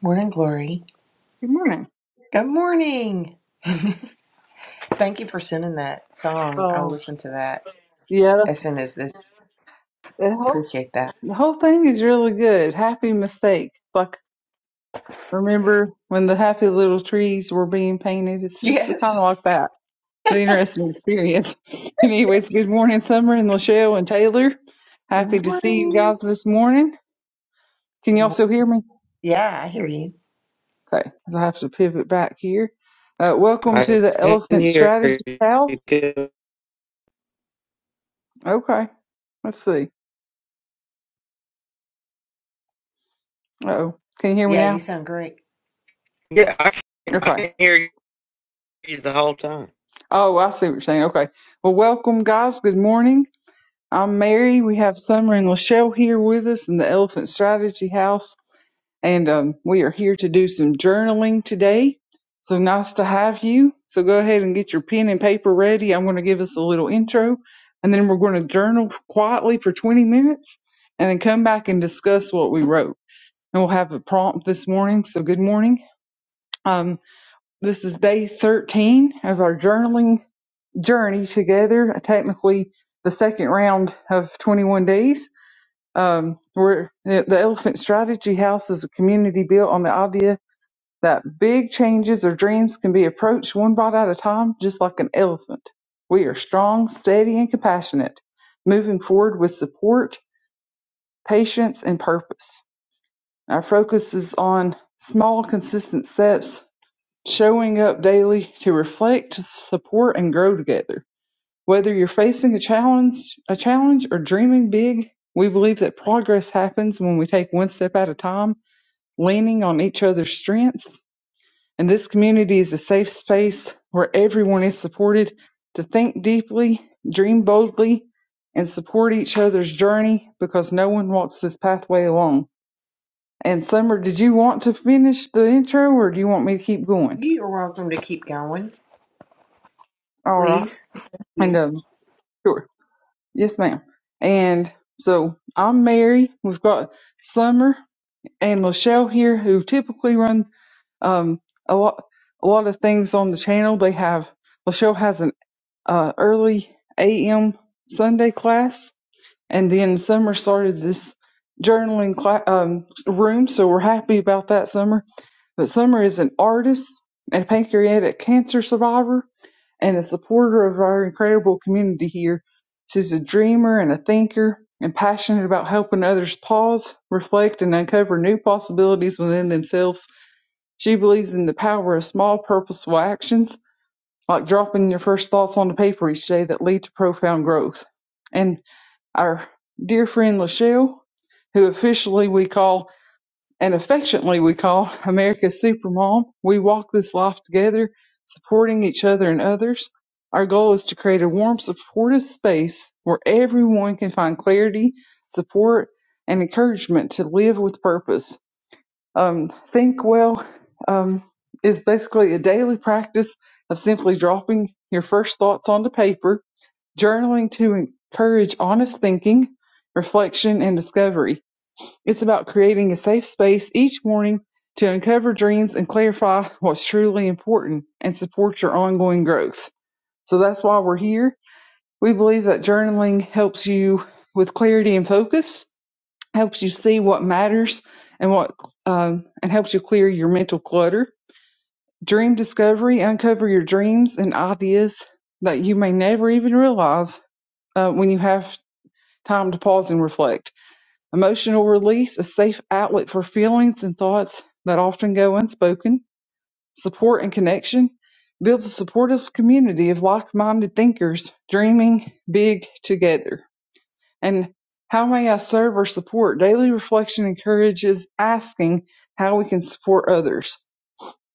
Morning, Glory. Good morning. Good morning. Thank you for sending that song. I'll Oh, listen to that yeah, as soon as this. the whole Appreciate that. the whole thing is really good. Happy mistake. Like remember when the happy little trees were being painted? It's just kind of Yes. like that. It's an interesting experience. Anyways, good morning, Summer and Lachelle and Taylor. Good Happy to see you morning. guys this morning. Can Good y'all morning. still hear me? Yeah, I hear you. Okay, because I have to pivot back here. Uh, welcome I to the can Elephant hear Strategy you. House. good. Okay, let's see. Uh oh, can you hear me Yeah, you now? sound great. Yeah, I can, I Okay. can hear you the whole time. Oh, I see what you're saying. Okay. Well, welcome, guys. Good morning. I'm Mary. We have Summer and Lachelle here with us in the Elephant Strategy House, and um, we are here to do some journaling today. So nice to have you. So go ahead and get your pen and paper ready. I'm going to give us a little intro, and then we're going to journal quietly for 20 minutes, and then come back and discuss what we wrote. And we'll have a prompt this morning. So good morning. Um, this is day 13 of our journaling journey together. Technically, the second round of 21 days. Um, where the the Elephant Strategy House is a community built on the idea that big changes or dreams can be approached one bite at a time, just like an elephant. We are strong, steady, and compassionate, moving forward with support, patience, and purpose. Our focus is on small, consistent steps, showing up daily to reflect, support, and grow together. Whether you're facing a challenge, a challenge or dreaming big, we believe that progress happens when we take one step at a time, leaning on each other's strengths. And this community is a safe space where everyone is supported to think deeply, dream boldly, and support each other's journey because no one walks this pathway alone. And Summer, did you want to finish the intro or do you want me to keep going? You're welcome to keep going, All right. please. Thank And you. um, sure. Yes, ma'am. And so I'm Mary. We've got Summer and Lachelle here who typically run um, a lot a lot of things on the channel. They have Lachelle has an uh, early a.m. Sunday class, and then Summer started this journaling cla um, room, so we're happy about that, Summer. But Summer is an artist and pancreatic cancer survivor, and a supporter of our incredible community here. She's a dreamer and a thinker and passionate about helping others pause, reflect, and uncover new possibilities within themselves. She believes in the power of small, purposeful actions, like dropping your first thoughts on the paper each day that lead to profound growth. And our dear friend Lachelle, who officially we call and affectionately we call America's Supermom. We walk this life together, supporting each other and others. Our goal is to create a warm, supportive space where everyone can find clarity, support, and encouragement to live with purpose. Um, Think Well um, is basically a daily practice of simply dropping your first thoughts onto paper, journaling to encourage honest thinking, reflection, and discovery. It's about creating a safe space each morning to uncover dreams and clarify what's truly important and support your ongoing growth. So that's why we're here. We believe that journaling helps you with clarity and focus, helps you see what matters and what um, and helps you clear your mental clutter. Dream discovery, uncover your dreams and ideas that you may never even realize uh, when you have time to pause and reflect. Emotional release, a safe outlet for feelings and thoughts that often go unspoken. Support and connection builds a supportive community of like minded thinkers dreaming big together. And how may I serve or support? Daily reflection encourages asking how we can support others,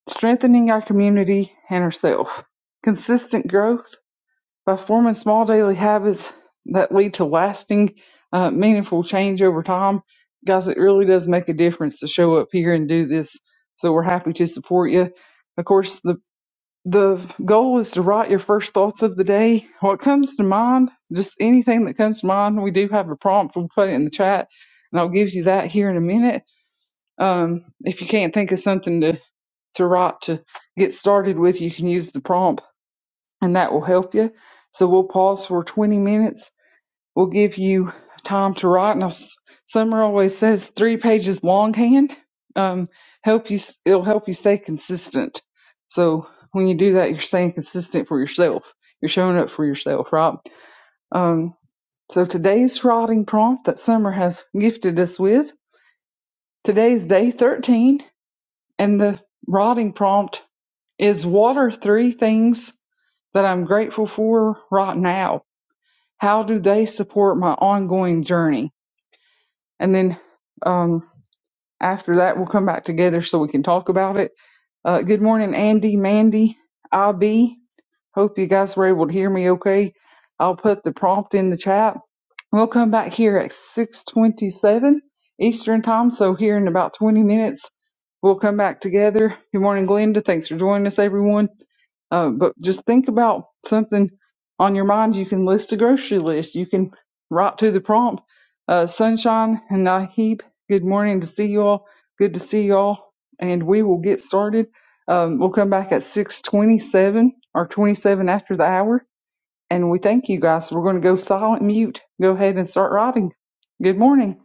strengthening our community and ourselves. Consistent growth by forming small daily habits that lead to lasting, uh, meaningful change over time. Guys, it really does make a difference to show up here and do this. So we're happy to support you. Of course, the the goal is to write your first thoughts of the day. What comes to mind, just anything that comes to mind. We do have a prompt. We'll put it in the chat, and I'll give you that here in a minute. Um, if you can't think of something to to write to get started with, you can use the prompt and that will help you. So we'll pause for 20 minutes. We'll give you time to write. Now, Summer always says three pages longhand um, help you. It'll help you stay consistent. So when you do that, you're staying consistent for yourself. You're showing up for yourself, right? Um, so today's writing prompt that Summer has gifted us with. Today's day 13, and the writing prompt is: What are three things that I'm grateful for right now? how do they support my ongoing journey and then um, after that we'll come back together so we can talk about it uh, good morning andy mandy ib Hope you guys were able to hear me okay. I'll put the prompt in the chat. We'll come back here at 6:27 Eastern time, so here in about 20 minutes we'll come back together. Good morning, Glenda. Thanks for joining us, everyone. Uh, but just think about something on your mind. You can list a grocery list. You can write to the prompt. Uh, Sunshine and Naheeb, good morning to see you all. Good to see you all. And we will get started. Um, we'll come back at 6:27 or 27 after the hour, and we thank you guys. We're going to go silent mute. Go ahead and start writing. Good morning.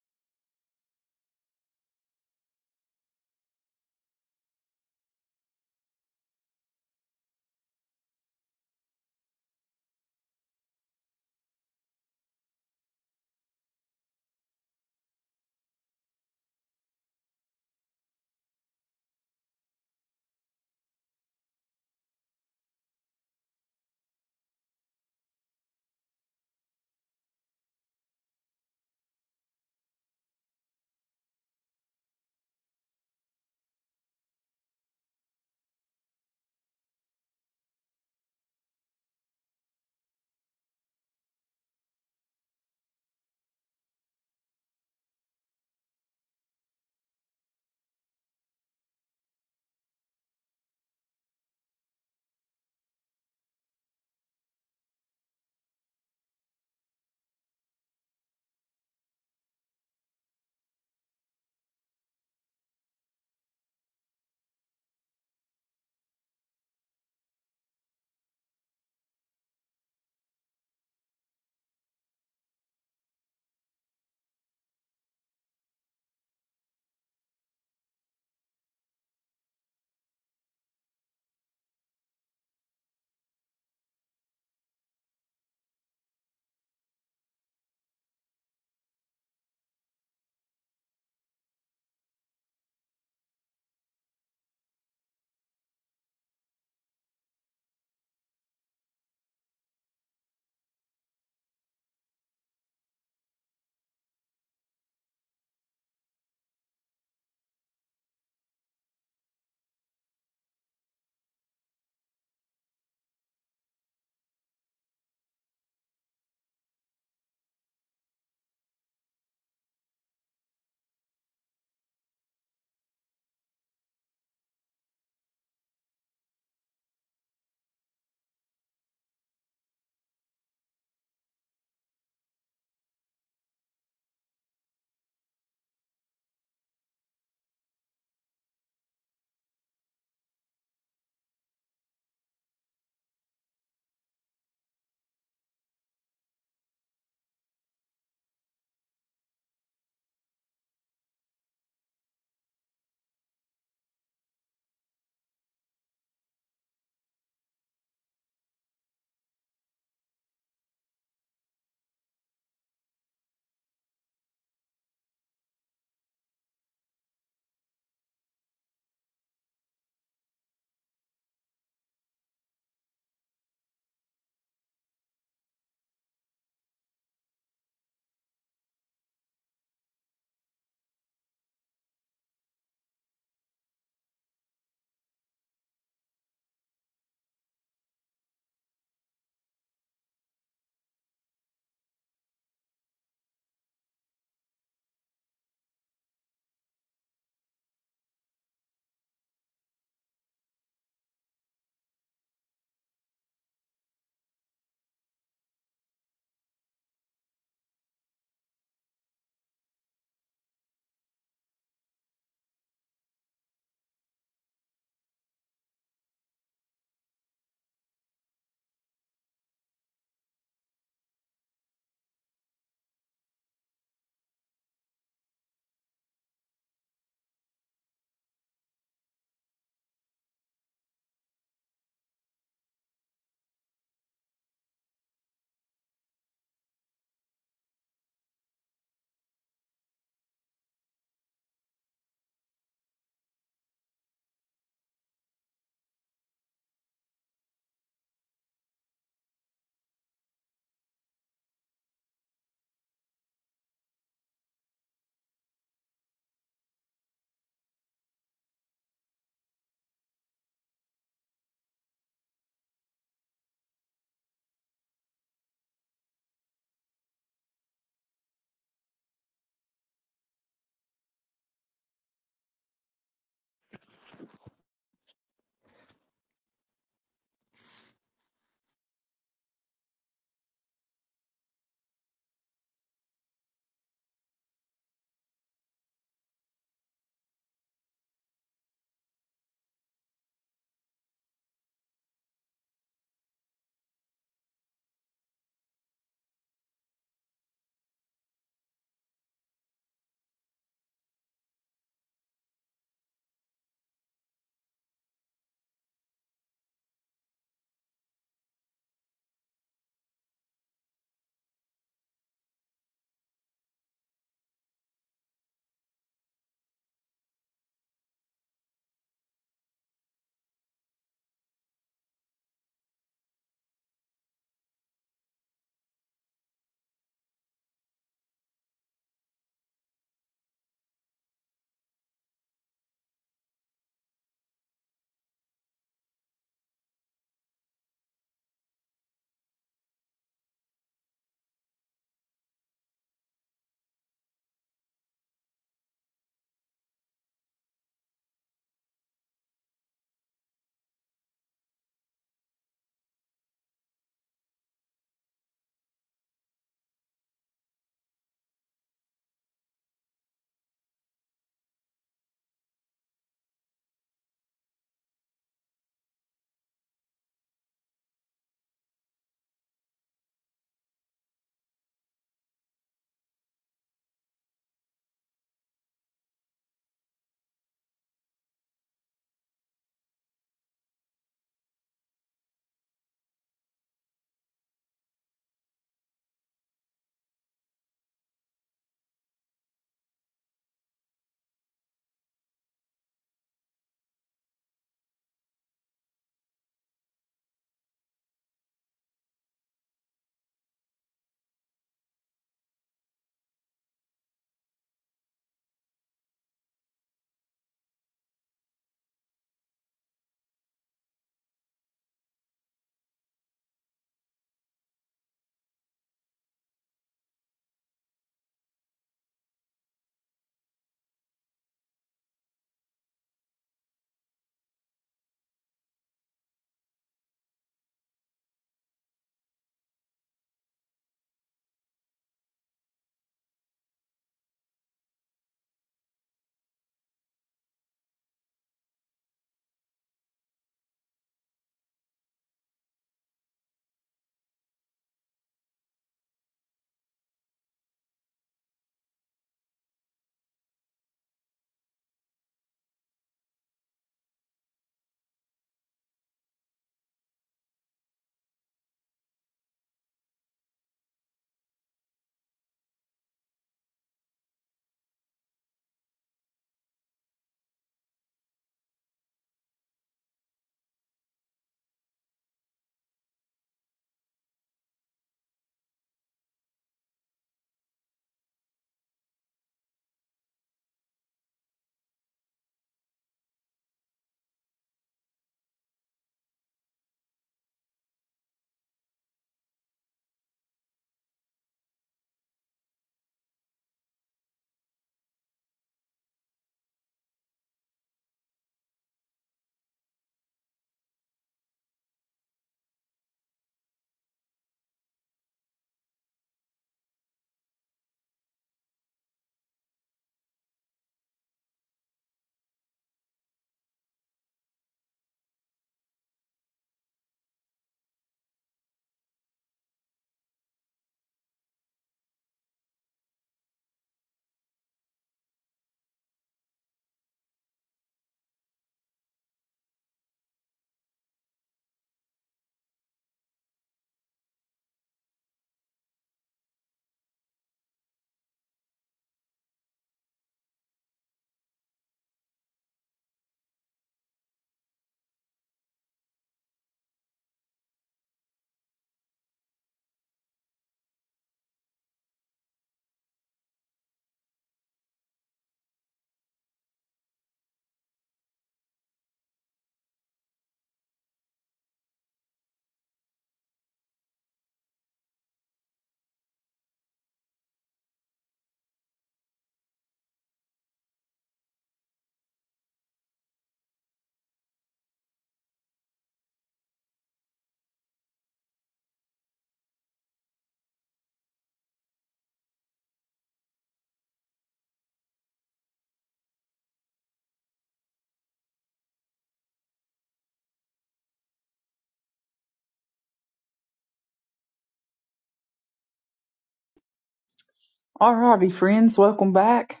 Alrighty, friends, welcome back,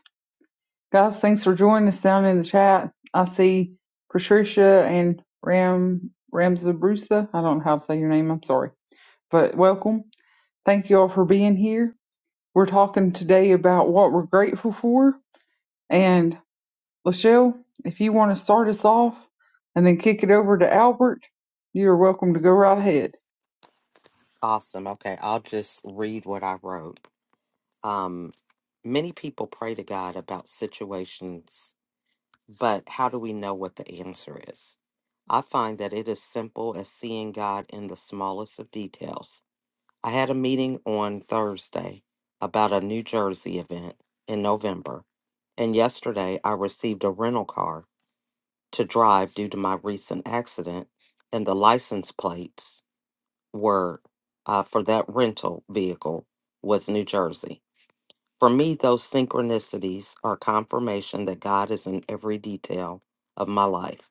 guys. Thanks for joining us down in the chat. I see Patricia and Ram Ramzabrusa. I don't know how to say your name. I'm sorry, but welcome. Thank you all for being here. We're talking today about what we're grateful for, and. Lachelle, if you want to start us off and then kick it over to Albert, you're welcome to go right ahead. Awesome. Okay, I'll just read what I wrote. Um, many people pray to God about situations, but how do we know what the answer is? I find that it is simple as seeing God in the smallest of details. I had a meeting on Thursday about a New Jersey event in November, and yesterday I received a rental car to drive due to my recent accident, and the license plates were uh, for that rental vehicle was New Jersey. For me, those synchronicities are confirmation that God is in every detail of my life.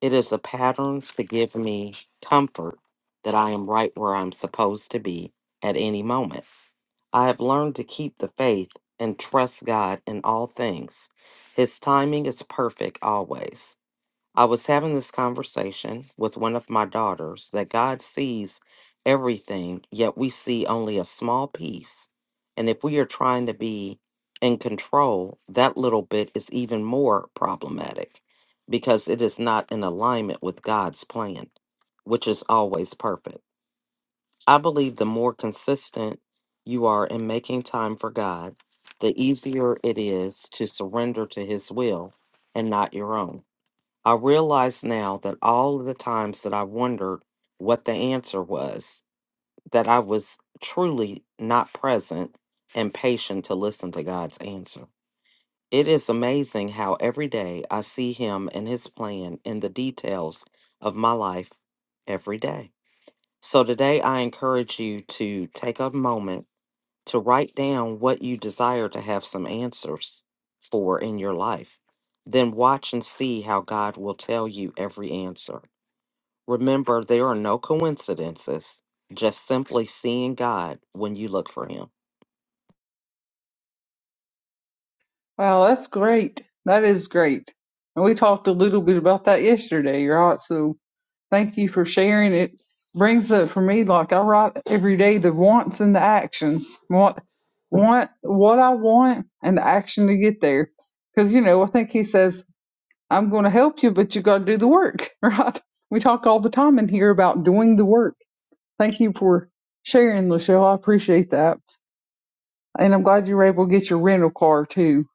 It is a pattern to give me comfort that I am right where I'm supposed to be at any moment. I have learned to keep the faith and trust God in all things. His timing is perfect always. I was having this conversation with one of my daughters that God sees everything, yet we see only a small piece. And if we are trying to be in control, that little bit is even more problematic because it is not in alignment with God's plan, which is always perfect. I believe the more consistent you are in making time for God, the easier it is to surrender to His will and not your own. I realize now that all of the times that I wondered what the answer was, that I was truly not present and patient to listen to God's answer. It is amazing how every day I see Him and His plan in the details of my life every day. So today I encourage you to take a moment to write down what you desire to have some answers for in your life. Then watch and see how God will tell you every answer. Remember, there are no coincidences, just simply seeing God when you look for Him. Wow, that's great. That is great. And we talked a little bit about that yesterday, right? So thank you for sharing. It brings up for me, like I write every day, the wants and the actions. What, want, what I want and the action to get there. Because, you know, I think he says, I'm going to help you, but you got to do the work, right? We talk all the time in here about doing the work Thank you for sharing, Lachelle. I appreciate that. And I'm glad you were able to get your rental car too.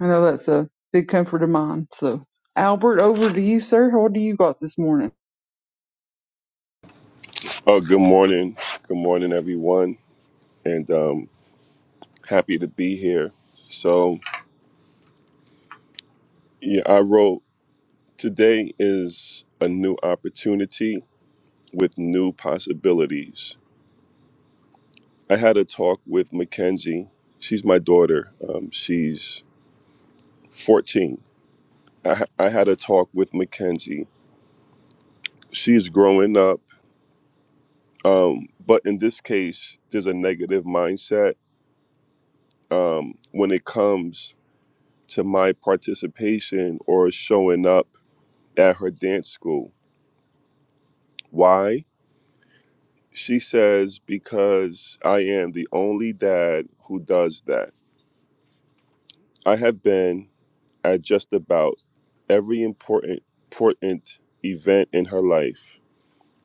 I know that's a big comfort of mine. So, Albert, over to you, sir. What do you got this morning? Oh, good morning. Good morning, everyone. And um, happy to be here. So, yeah, I wrote today is a new opportunity with new possibilities. I had a talk with Mackenzie. She's my daughter. Um, she's 14. I, ha- I had a talk with Mackenzie. She's growing up. Um, but in this case, there's a negative mindset um, when it comes to my participation or showing up at her dance school. Why? She says, because I am the only dad who does that. I have been at just about every important, important event in her life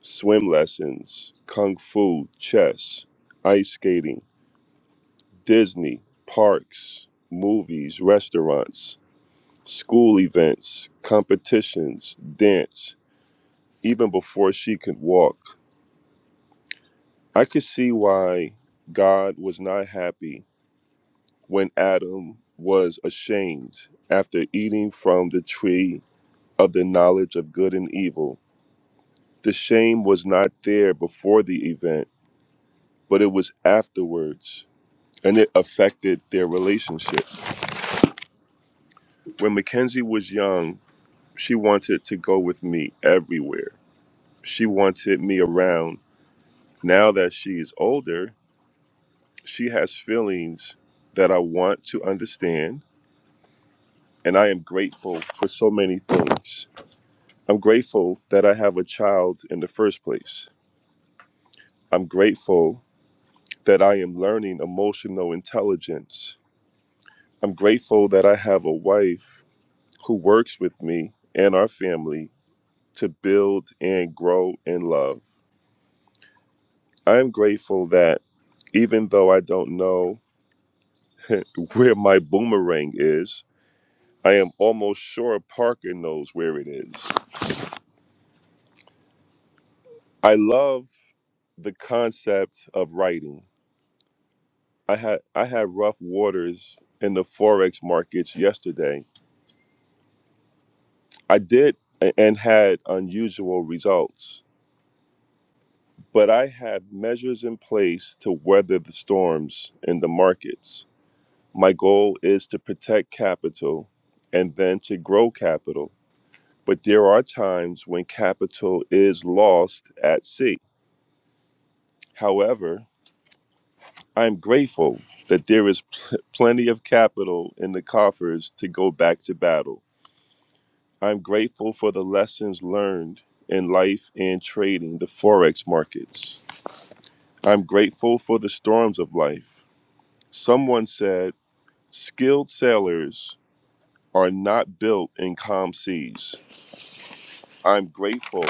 swim lessons, kung fu, chess, ice skating, Disney, parks, movies, restaurants, school events, competitions, dance, even before she could walk. I could see why God was not happy when Adam was ashamed after eating from the tree of the knowledge of good and evil. The shame was not there before the event, but it was afterwards, and it affected their relationship. When Mackenzie was young, she wanted to go with me everywhere. She wanted me around. Now that she is older, she has feelings that I want to understand and I am grateful for so many things. I'm grateful that I have a child in the first place. I'm grateful that I am learning emotional intelligence. I'm grateful that I have a wife who works with me and our family to build and grow in love. I am grateful that even though I don't know where my boomerang is, I am almost sure Parker knows where it is. I love the concept of writing. I had I had rough waters in the forex markets yesterday. I did a- and had unusual results, but I have measures in place to weather the storms in the markets. My goal is to protect capital and then to grow capital. But there are times when capital is lost at sea. However, I am grateful that there is pl- plenty of capital in the coffers to go back to battle. I'm grateful for the lessons learned in life and trading the forex markets. I'm grateful for the storms of life. Someone said, skilled sailors are not built in calm seas. I'm grateful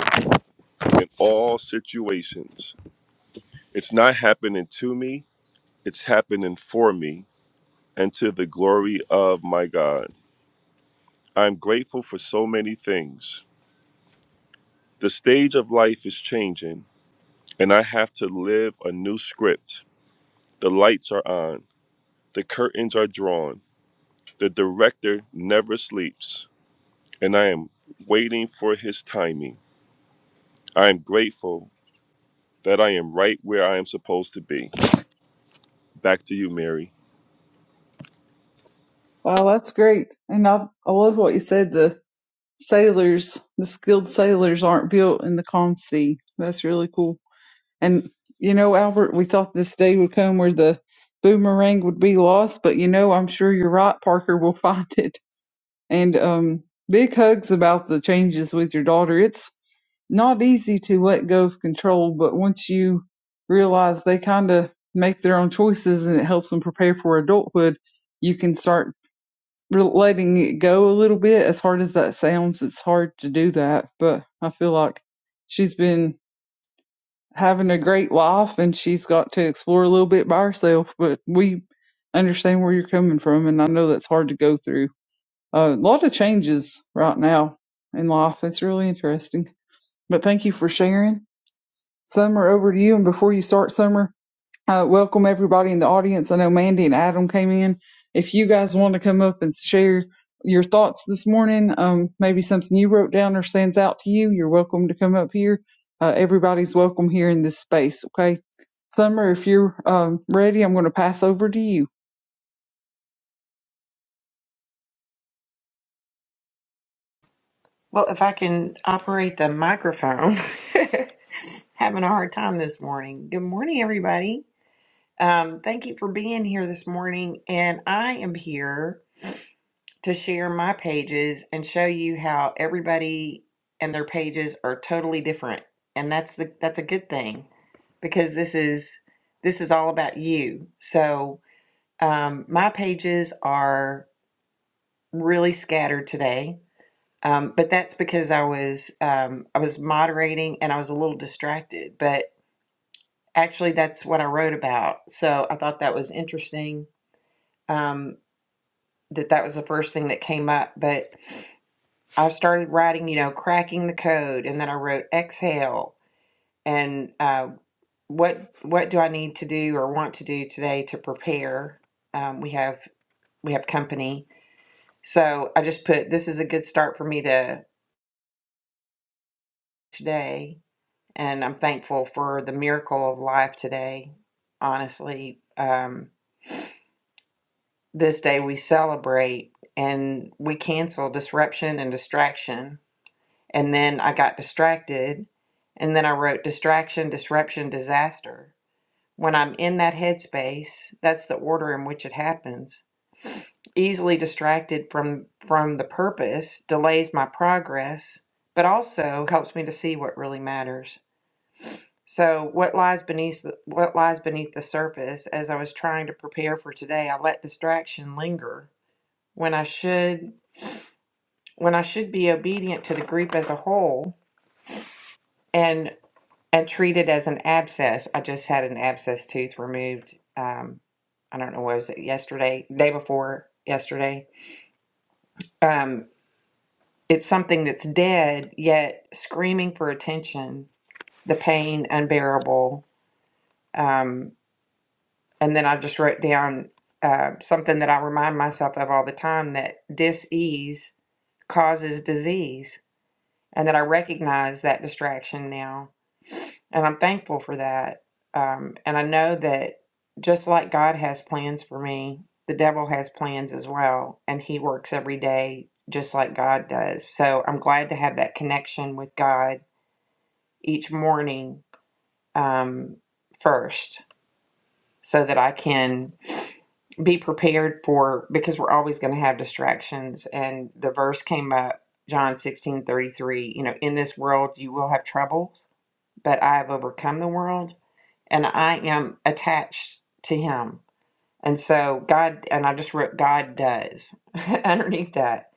in all situations. It's not happening to me, it's happening for me and to the glory of my God. I'm grateful for so many things. The stage of life is changing, and I have to live a new script. The lights are on, the curtains are drawn, the director never sleeps, and I am waiting for his timing. I am grateful that I am right where I am supposed to be. Back to you, Mary. Wow, that's great. And I, I love what you said. The sailors, the skilled sailors aren't built in the calm sea. That's really cool. And, you know, Albert, we thought this day would come where the boomerang would be lost, but you know, I'm sure you're right. Parker will find it. and um big hugs about the changes with your daughter it's not easy to let go of control but once you realize they kind of make their own choices and it helps them prepare for adulthood you can start re- letting it go a little bit as hard as that sounds it's hard to do that but i feel like she's been having a great life and she's got to explore a little bit by herself but we understand where you're coming from and i know that's hard to go through a lot of changes right now in life. It's really interesting. But thank you for sharing. Summer, over to you. And before you start, Summer, uh, welcome everybody in the audience. I know Mandy and Adam came in. If you guys want to come up and share your thoughts this morning, um, maybe something you wrote down or stands out to you, you're welcome to come up here. Uh, everybody's welcome here in this space, okay? Summer, if you're um, ready, I'm going to pass over to you. Well, if I can operate the microphone, having a hard time this morning. Good morning, everybody. Um, thank you for being here this morning. And I am here to share my pages and show you how everybody and their pages are totally different. And that's the that's a good thing because this is this is all about you. So um, my pages are really scattered today, um, but that's because I was um, I was moderating and I was a little distracted. But actually, that's what I wrote about. So I thought that was interesting. Um, that that was the first thing that came up, but I started writing, you know, cracking the code, and then I wrote exhale and uh, what what do I need to do or want to do today to prepare. Um, we have we have company, so I just put this is a good start for me to today, and I'm thankful for the miracle of life today. Honestly, um, this day we celebrate and we cancel disruption and distraction And then I got distracted. And then I wrote distraction, disruption, disaster. When I'm in that headspace, that's the order in which it happens. Easily distracted from from the purpose delays my progress, but also helps me to see what really matters. So, what lies beneath the, what lies beneath the surface as I was trying to prepare for today, I let distraction linger when I should when I should be obedient to the group as a whole and. and treated as an abscess. I just had an abscess tooth removed. Um, I don't know, what was it yesterday, day before yesterday? Um, it's something that's dead, yet screaming for attention, the pain unbearable. Um, and then I just wrote down uh, something that I remind myself of all the time that dis ease causes disease, and that I recognize that distraction now And I'm thankful for that. Um, and I know that just like God has plans for me, the devil has plans as well. And he works every day just like God does. So I'm glad to have that connection with God each morning um, first so that I can be prepared for, because we're always going to have distractions. And the verse came up. John 16 33. you know, in this world you will have troubles, but I have overcome the world and I am attached to him. And so God, and I just wrote God does underneath that.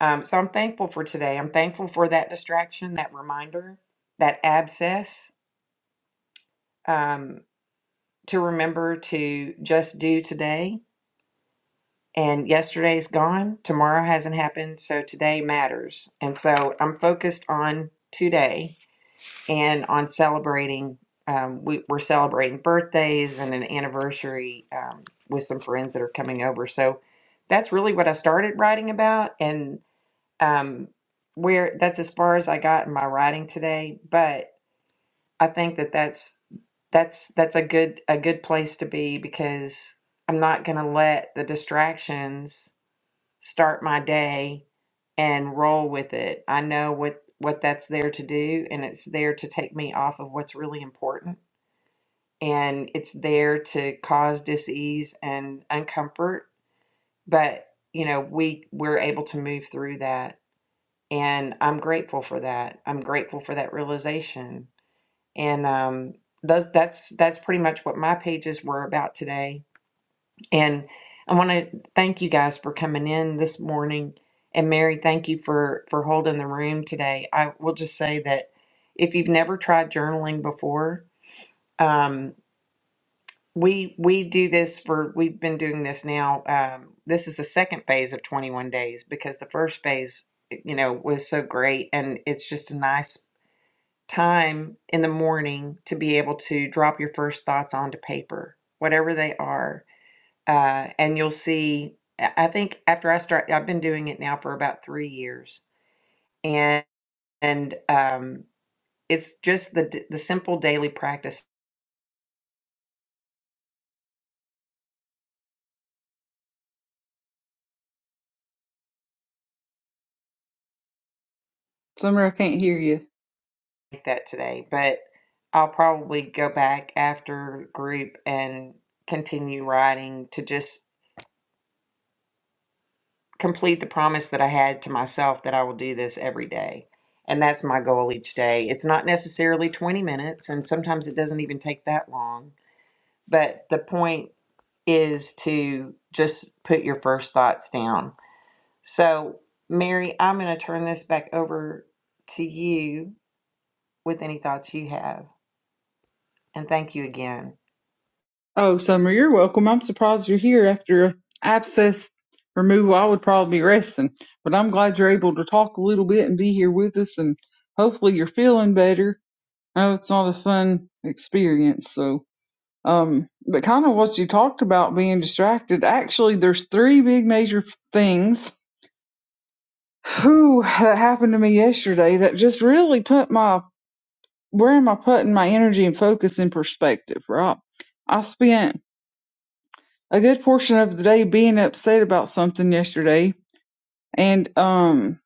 Um, so I'm thankful for today. I'm thankful for that distraction, that reminder, that abscess um, to remember to just do today. And yesterday's gone, tomorrow hasn't happened. So today matters. And so I'm focused on today and on celebrating um, we, we're celebrating birthdays and an anniversary um, with some friends that are coming over so that's really what i started writing about and um, where that's as far as i got in my writing today but i think that that's that's that's a good a good place to be because i'm not going to let the distractions start my day and roll with it. I know what what that's there to do and it's there to take me off of what's really important and it's there to cause dis-ease and uncomfort, but you know, we we're able to move through that and I'm grateful for that. I'm grateful for that realization. And um those that's that's pretty much what my pages were about today and I want to thank you guys for coming in this morning. And Mary, thank you for for holding the room today. I will just say that if you've never tried journaling before, um, we we do this for we've been doing this now. Um, this is the second phase of 21 days because the first phase, you know, was so great, and it's just a nice time in the morning to be able to drop your first thoughts onto paper, whatever they are uh, and you'll see. I I think after I start, I've been doing it now for about three years, and and um, it's just the d- the simple daily practice Summer, I can't hear you. like that today. But I'll probably go back after group and continue writing to just complete the promise that I had to myself that I will do this every day. And that's my goal each day. It's not necessarily 20 minutes, and sometimes it doesn't even take that long. But the point is to just put your first thoughts down. So, Mary, I'm going to turn this back over to you with any thoughts you have. And thank you again. Oh, Summer, you're welcome. I'm surprised you're here after a abscess removal. I would probably be resting, but I'm glad you're able to talk a little bit and be here with us, and hopefully you're feeling better. I know it's not a fun experience, so um, but kind of what you talked about being distracted. Actually, there's three big major things whew, that happened to me yesterday that just really put my where am I putting my energy and focus in perspective, right? I spent a good portion of the day being upset about something yesterday. And um,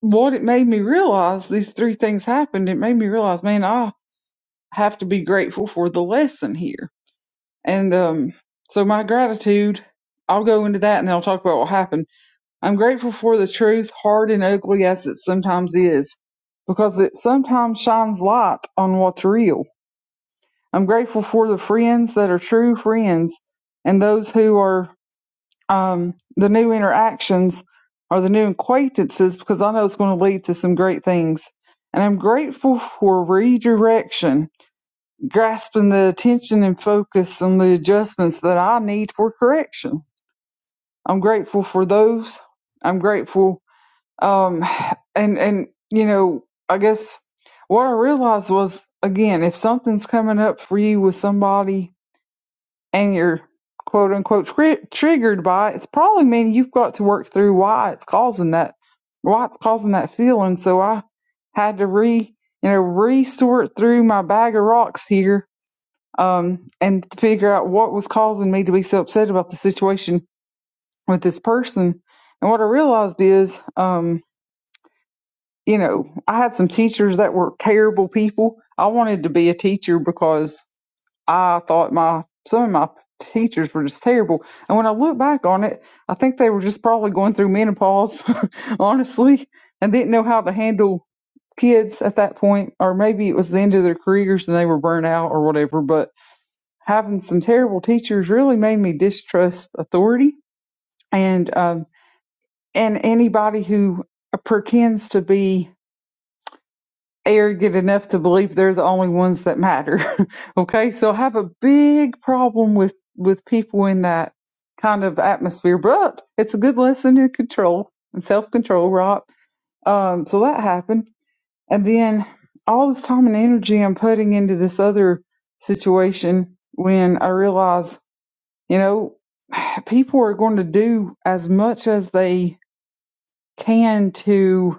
what it made me realize, these three things happened. It made me realize, man, I have to be grateful for the lesson here. And um, so my gratitude, I'll go into that and then I'll talk about what happened. I'm grateful for the truth, hard and ugly as it sometimes is, because it sometimes shines light on what's real. I'm grateful for the friends that are true friends and those who are um, the new interactions or the new acquaintances because I know it's going to lead to some great things. And I'm grateful for redirection, grasping the attention and focus on the adjustments that I need for correction. I'm grateful for those. I'm grateful. Um, and, and, you know, I guess what I realized was again, if something's coming up for you with somebody and you're quote unquote tri- triggered by it, it's probably meaning you've got to work through why it's causing that, why it's causing that feeling. So I had to re, you know, re-sort through my bag of rocks here, um, and to figure out what was causing me to be so upset about the situation with this person. And what I realized is, um, you know, I had some teachers that were terrible people. I wanted to be a teacher because I thought my some of my teachers were just terrible. And when I look back on it, I think they were just probably going through menopause, honestly, and didn't know how to handle kids at that point, or maybe it was the end of their careers and they were burnt out or whatever. But having some terrible teachers really made me distrust authority and um, and anybody who pretends to be arrogant enough to believe they're the only ones that matter. okay, so I have a big problem with with people in that kind of atmosphere, but it's a good lesson in control and self control, right? Um, so that happened, and then all this time and energy I'm putting into this other situation when I realize, you know, people are going to do as much as they can to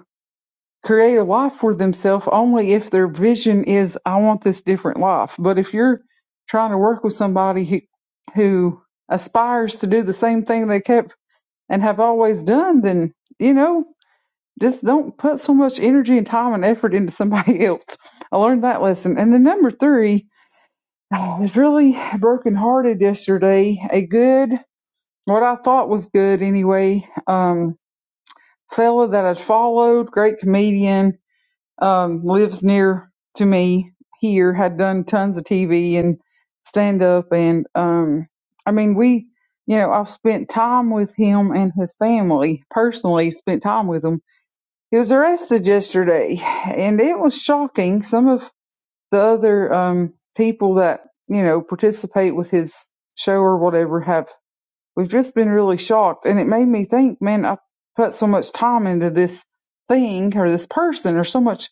create a life for themselves only if their vision is I want this different life. But if you're trying to work with somebody who, who aspires to do the same thing they kept and have always done, then you know just don't put so much energy and time and effort into somebody else. I learned that lesson. And then number three, I was really brokenhearted yesterday. A good, what I thought was good anyway, um, fella that I'd followed, great comedian, um, lives near to me here, had done tons of TV and stand up. And um, I mean, we, you know, I've spent time with him and his family personally, spent time with him. He was arrested yesterday, and it was shocking. Some of the other um, people that, you know, participate with his show or whatever have, we've just been really shocked. And it made me think, man, I put so much time into this thing or this person or so much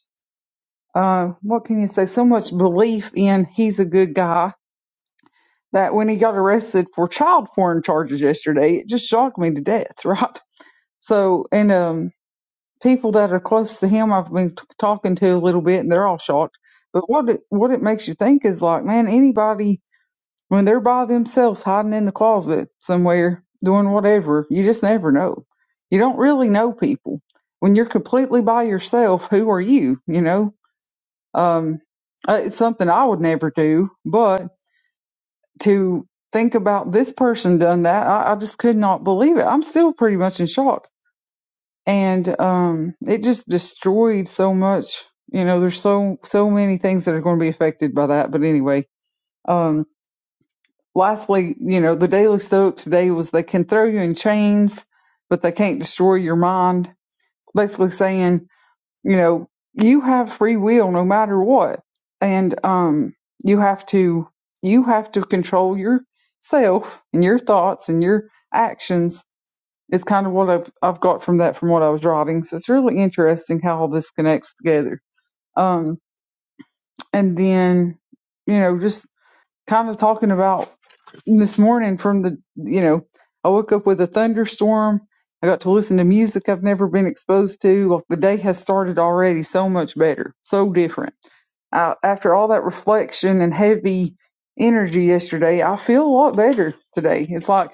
uh, what can you say? So much belief in he's a good guy that when he got arrested for child porn charges yesterday, it just shocked me to death, right? So, and um, people that are close to him, I've been t- talking to a little bit, and they're all shocked. But what it, what it makes you think is like, man, anybody when they're by themselves, hiding in the closet somewhere, doing whatever, you just never know. You don't really know people when you're completely by yourself. Who are you? You know um, uh, it's something I would never do, but to think about this person done that, I, I just could not believe it. I'm still pretty much in shock, and um, it just destroyed so much. You know, there's so so many things that are going to be affected by that. But anyway, um, lastly, you know, the daily soap today was they can throw you in chains, but they can't destroy your mind. It's basically saying you know you have free will no matter what and um you have to you have to control yourself and your thoughts and your actions is kind of what I've, I've got from that from what i was writing so it's really interesting how all this connects together um and then you know just kind of talking about this morning from the you know i woke up with a thunderstorm i got to listen to music i've never been exposed to like the day has started already so much better so different I, after all that reflection and heavy energy yesterday i feel a lot better today it's like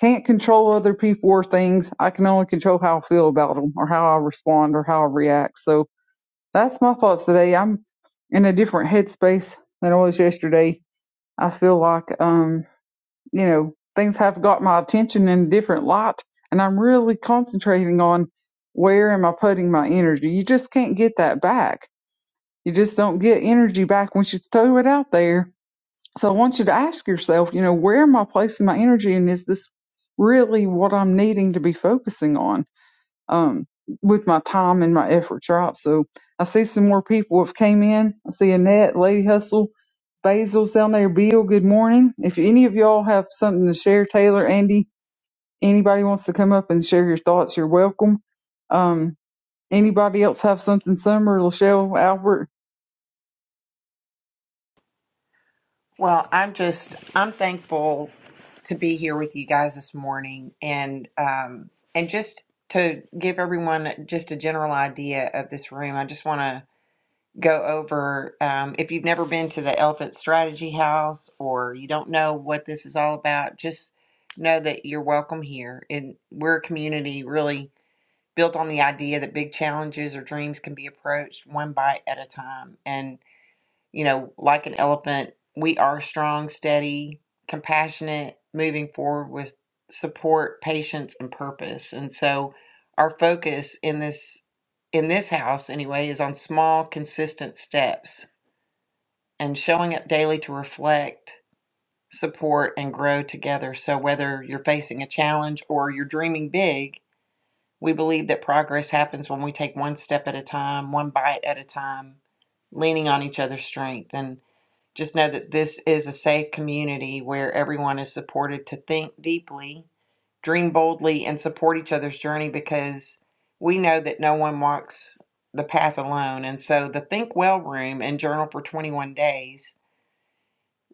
can't control other people or things i can only control how i feel about them or how i respond or how i react so that's my thoughts today i'm in a different headspace than i was yesterday I feel like um, you know, things have got my attention in a different light and I'm really concentrating on where am I putting my energy. You just can't get that back. You just don't get energy back once you throw it out there. So I want you to ask yourself, you know, where am I placing my energy and is this really what I'm needing to be focusing on? Um with my time and my efforts, right? So I see some more people have came in. I see Annette, Lady Hustle. Basil's down there. Bill, good morning. If any of y'all have something to share, Taylor, Andy, anybody wants to come up and share your thoughts, you're welcome. Um, anybody else have something? Summer, Lachelle, Albert. Well, I'm just, I'm thankful to be here with you guys this morning and, um, and just to give everyone just a general idea of this room. I just want to go over um, if you've never been to the Elephant Strategy House or you don't know what this is all about, just know that you're welcome here. And we're a community really built on the idea that big challenges or dreams can be approached one bite at a time. And you know, like an elephant, we are strong, steady, compassionate, moving forward with support, patience, and purpose. And so our focus in this in this house anyway is on small, consistent steps and showing up daily to reflect, support, and grow together. So whether you're facing a challenge or you're dreaming big, we believe that progress happens when we take one step at a time, one bite at a time, leaning on each other's strength. and just know that this is a safe community where everyone is supported to think deeply, dream boldly, and support each other's journey because we know that no one walks the path alone. And so the Think Well room and journal for 21 days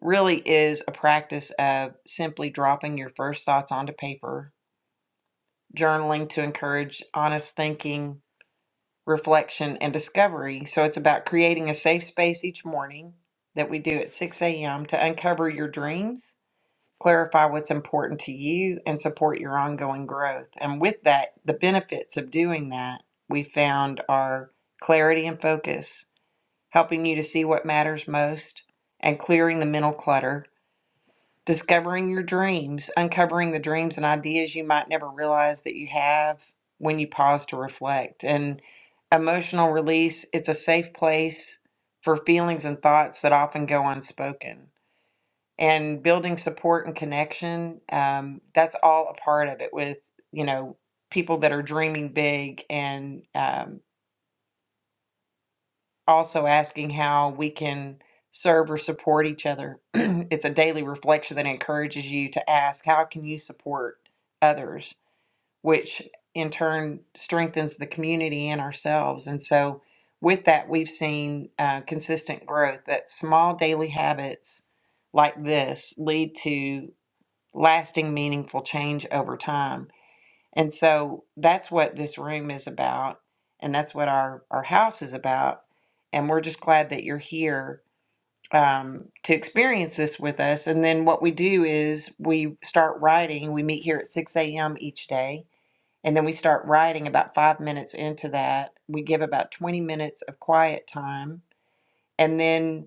really is a practice of simply dropping your first thoughts onto paper, journaling to encourage honest thinking, reflection, and discovery. So it's about creating a safe space each morning that we do at 6 a.m. to uncover your dreams clarify what's important to you and support your ongoing growth. And with that, the benefits of doing that we found are clarity and focus, helping you to see what matters most and clearing the mental clutter, discovering your dreams, uncovering the dreams and ideas you might never realize that you have when you pause to reflect. And emotional release, it's a safe place for feelings and thoughts that often go unspoken and building support and connection um, that's all a part of it with you know people that are dreaming big and um, also asking how we can serve or support each other it's a daily reflection that encourages you to ask how can you support others which in turn strengthens the community and ourselves and so with that we've seen uh, consistent growth that small daily habits like this lead to lasting, meaningful change over time. And so that's what this room is about, and that's what our, our house is about. And we're just glad that you're here um, to experience this with us. And then what we do is we start writing. We meet here at 6 a.m. each day, and then we start writing about five minutes into that. We give about 20 minutes of quiet time. And then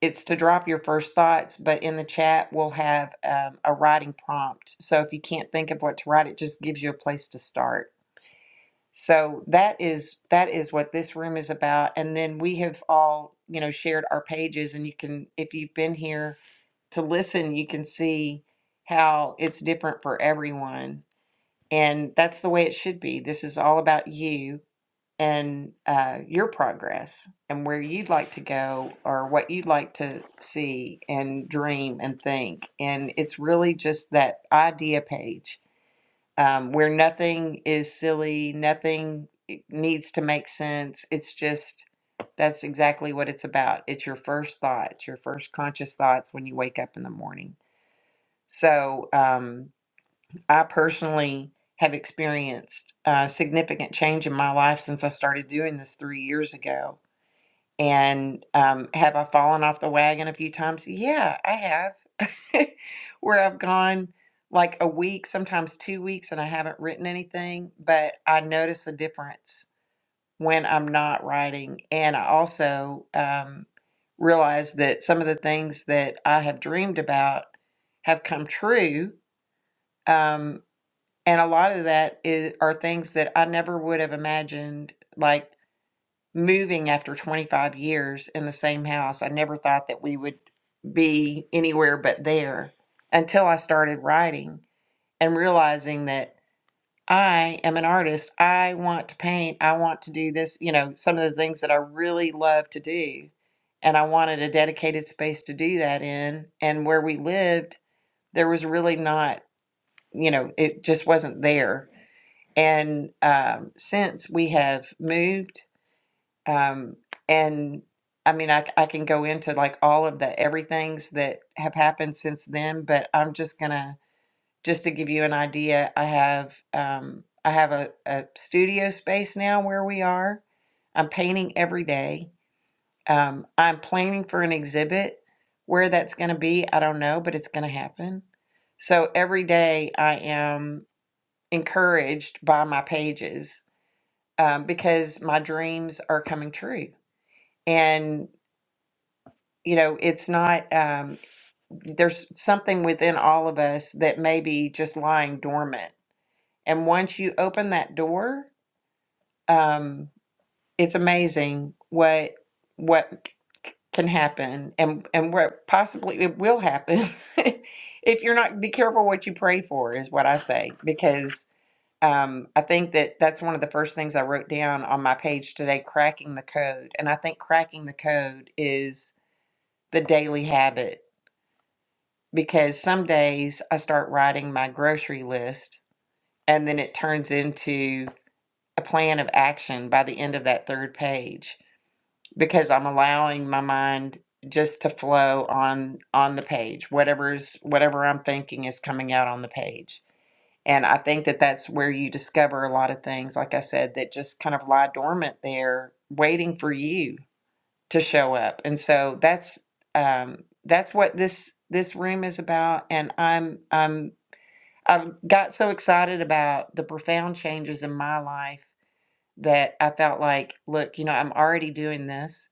it's to drop your first thoughts, but in the chat we'll have um, a writing prompt. So if you can't think of what to write, it just gives you a place to start. So that is that is what this room is about. And then we have all you know shared our pages, and you can if you've been here to listen, you can see how it's different for everyone. And that's the way it should be. This is all about you and uh, your progress and where you'd like to go or what you'd like to see and dream and think. And it's really just that idea page um, where nothing is silly, nothing eh, needs to make sense. It's just that's exactly what it's about. It's your first thoughts, your first conscious thoughts when you wake up in the morning. So, um, I personally have experienced a significant change in my life since I started doing this three years ago. And um, have I fallen off the wagon a few times? Yeah, I have. Where I've gone like a week, sometimes two weeks, and I haven't written anything, but I notice a difference when I'm not writing. And I also um, realize that some of the things that I have dreamed about have come true. Um, and a lot of that is are things that I never would have imagined, like moving after 25 years in the same house. I never thought that we would be anywhere but there until I started writing and realizing that I am an artist. I want to paint. I want to do this, you know, some of the things that I really love to do. And I wanted a dedicated space to do that in. And where we lived, there was really not, you know, it just wasn't there and um, since we have moved, um, and I mean, I, I can go into like all of the everythings that have happened since then, but I'm just gonna just to give you an idea. I have um, I have a, a studio space now where we are. I'm painting every day. Um, I'm planning for an exhibit. Where that's going to be, I don't know, but it's going to happen. So every day I am encouraged by my pages um, because my dreams are coming true. And, you know, it's not, um, there's something within all of us that may be just lying dormant. And once you open that door, um, it's amazing what, what can happen and, and what possibly it will happen if you're not, be careful what you pray for is what I say, because um, I think that that's one of the first things I wrote down on my page today cracking the code. And I think cracking the code is the daily habit because some days I start writing my grocery list and then it turns into a plan of action by the end of that third page because I'm allowing my mind just to flow on on the page whatever's whatever I'm thinking is coming out on the page And I think that that's where you discover a lot of things, like I said, that just kind of lie dormant there, waiting for you to show up. And so that's um, that's what this this room is about. And I'm I'm I've got so excited about the profound changes in my life that I felt like, look, you know, I'm already doing this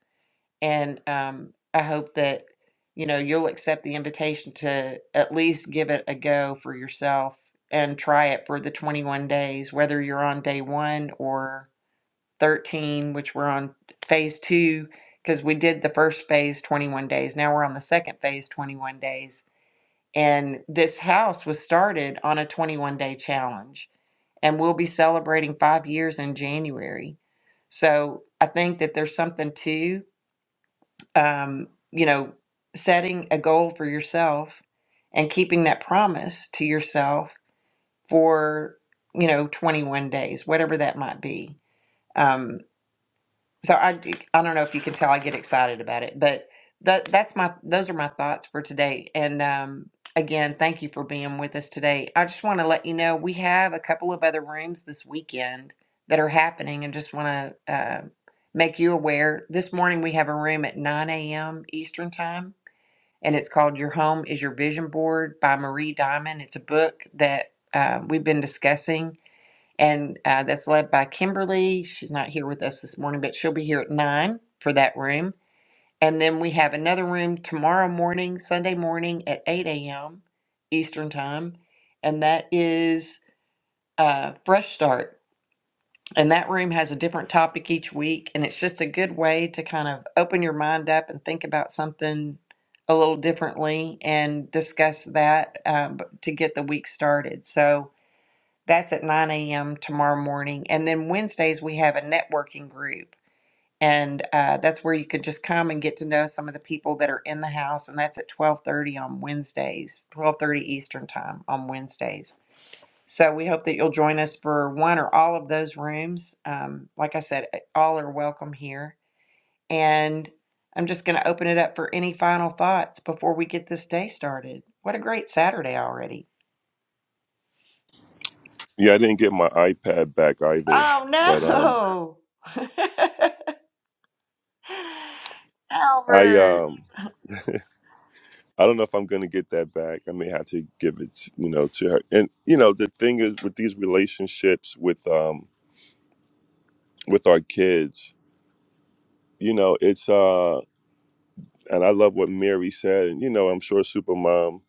and um, I hope that, you know, you'll accept the invitation to at least give it a go for yourself and try it for the 21 days, whether you're on day one or 13, which we're on phase two, because we did the first phase 21 days. Now we're on the second phase 21 days. And this house was started on a 21 day challenge and we'll be celebrating five years in January. So I think that there's something too um, you know, setting a goal for yourself and keeping that promise to yourself for, you know, 21 days, whatever that might be. Um, so I I d- I don't know if you can tell I get excited about it, but that that's my those are my thoughts for today. And um, again, thank you for being with us today. I just want to let you know we have a couple of other rooms this weekend that are happening, and just want to uh, make you aware. This morning we have a room at 9 a.m. Eastern time, and it's called "Your Home Is Your Vision Board" by Marie Diamond. It's a book that uh, we've been discussing and uh, that's led by Kimberly. She's not here with us this morning, but she'll be here at nine for that room. And then we have another room tomorrow morning, Sunday morning at 8 a.m. Eastern Time, and that is uh, Fresh Start. And that room has a different topic each week, and it's just a good way to kind of open your mind up and think about something a little differently and discuss that um, to get the week started. So, that's at 9 a.m. tomorrow morning. And then Wednesdays, we have a networking group. And uh, that's where you could just come and get to know some of the people that are in the house. And that's at 1230 on Wednesdays, 1230 Eastern time on Wednesdays. So we hope that you'll join us for one or all of those rooms. Um, like I said, eh, all are welcome here. And I'm just going to open it up for any final thoughts before we get this day started. What a great Saturday already. Yeah, I didn't get my iPad back either, but um, Oh, no. I Albert, um, I don't know if I'm gonna get that back. I may have to give it, you know, to her. And you know, the thing is with these relationships with um with our kids, you know, it's uh and I love what Mary said. And you know, I'm sure Supermom.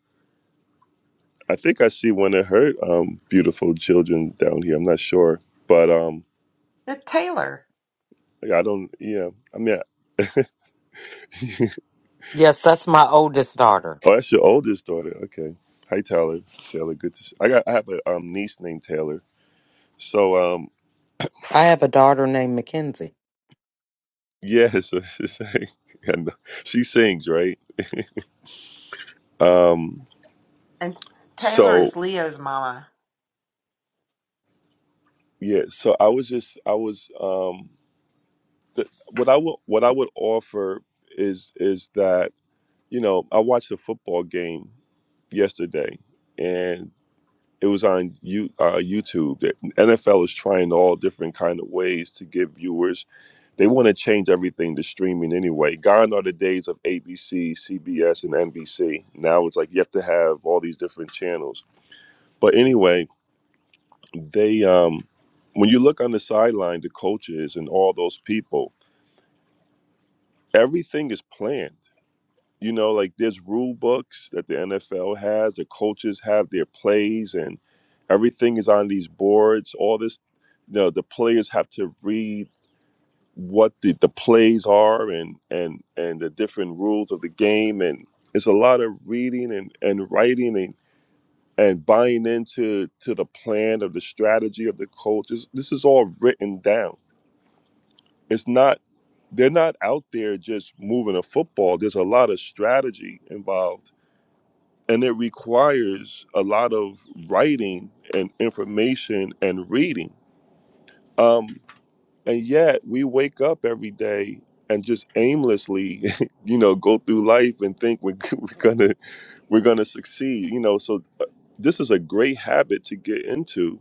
I think I see one of her um, beautiful children down here. I'm not sure, but um, the Taylor. yeah, I don't. Yeah, I mean, Yes, that's my oldest daughter. oh, that's your oldest daughter. Okay, hi Taylor. Taylor, good to. See. I got. I have a um, niece named Taylor. So um, I have a daughter named Mackenzie. yeah, so, so- and she sings right. Um, And Taylor so is Leo's mama. yeah, so I was just I was um, th- what I would what I would offer is is that You know, I watched a football game yesterday, and it was on you uh, YouTube. That NFL is trying all different kind of ways to give viewers. They want to change everything to streaming anyway. Gone are the days of ABC, CBS, and NBC. Now it's like you have to have all these different channels. But anyway, they um, when you look on the sideline, the coaches and all those people, everything is planned You know, like there's rule books that the NFL has, the coaches have their plays, and everything is on these boards. All this, you know, the players have to read what the, the plays are and, and, and the different rules of the game. And it's a lot of reading and, and writing and, and buying into to the plan of the strategy of the coaches. This is all written down. It's not, they're not out there just moving a football. There's a lot of strategy involved and it requires a lot of writing and information and reading. Um, and yet we wake up every day and just aimlessly, you know, go through life and think we're, we're gonna we're gonna succeed. You know, so uh, this is a great habit to get into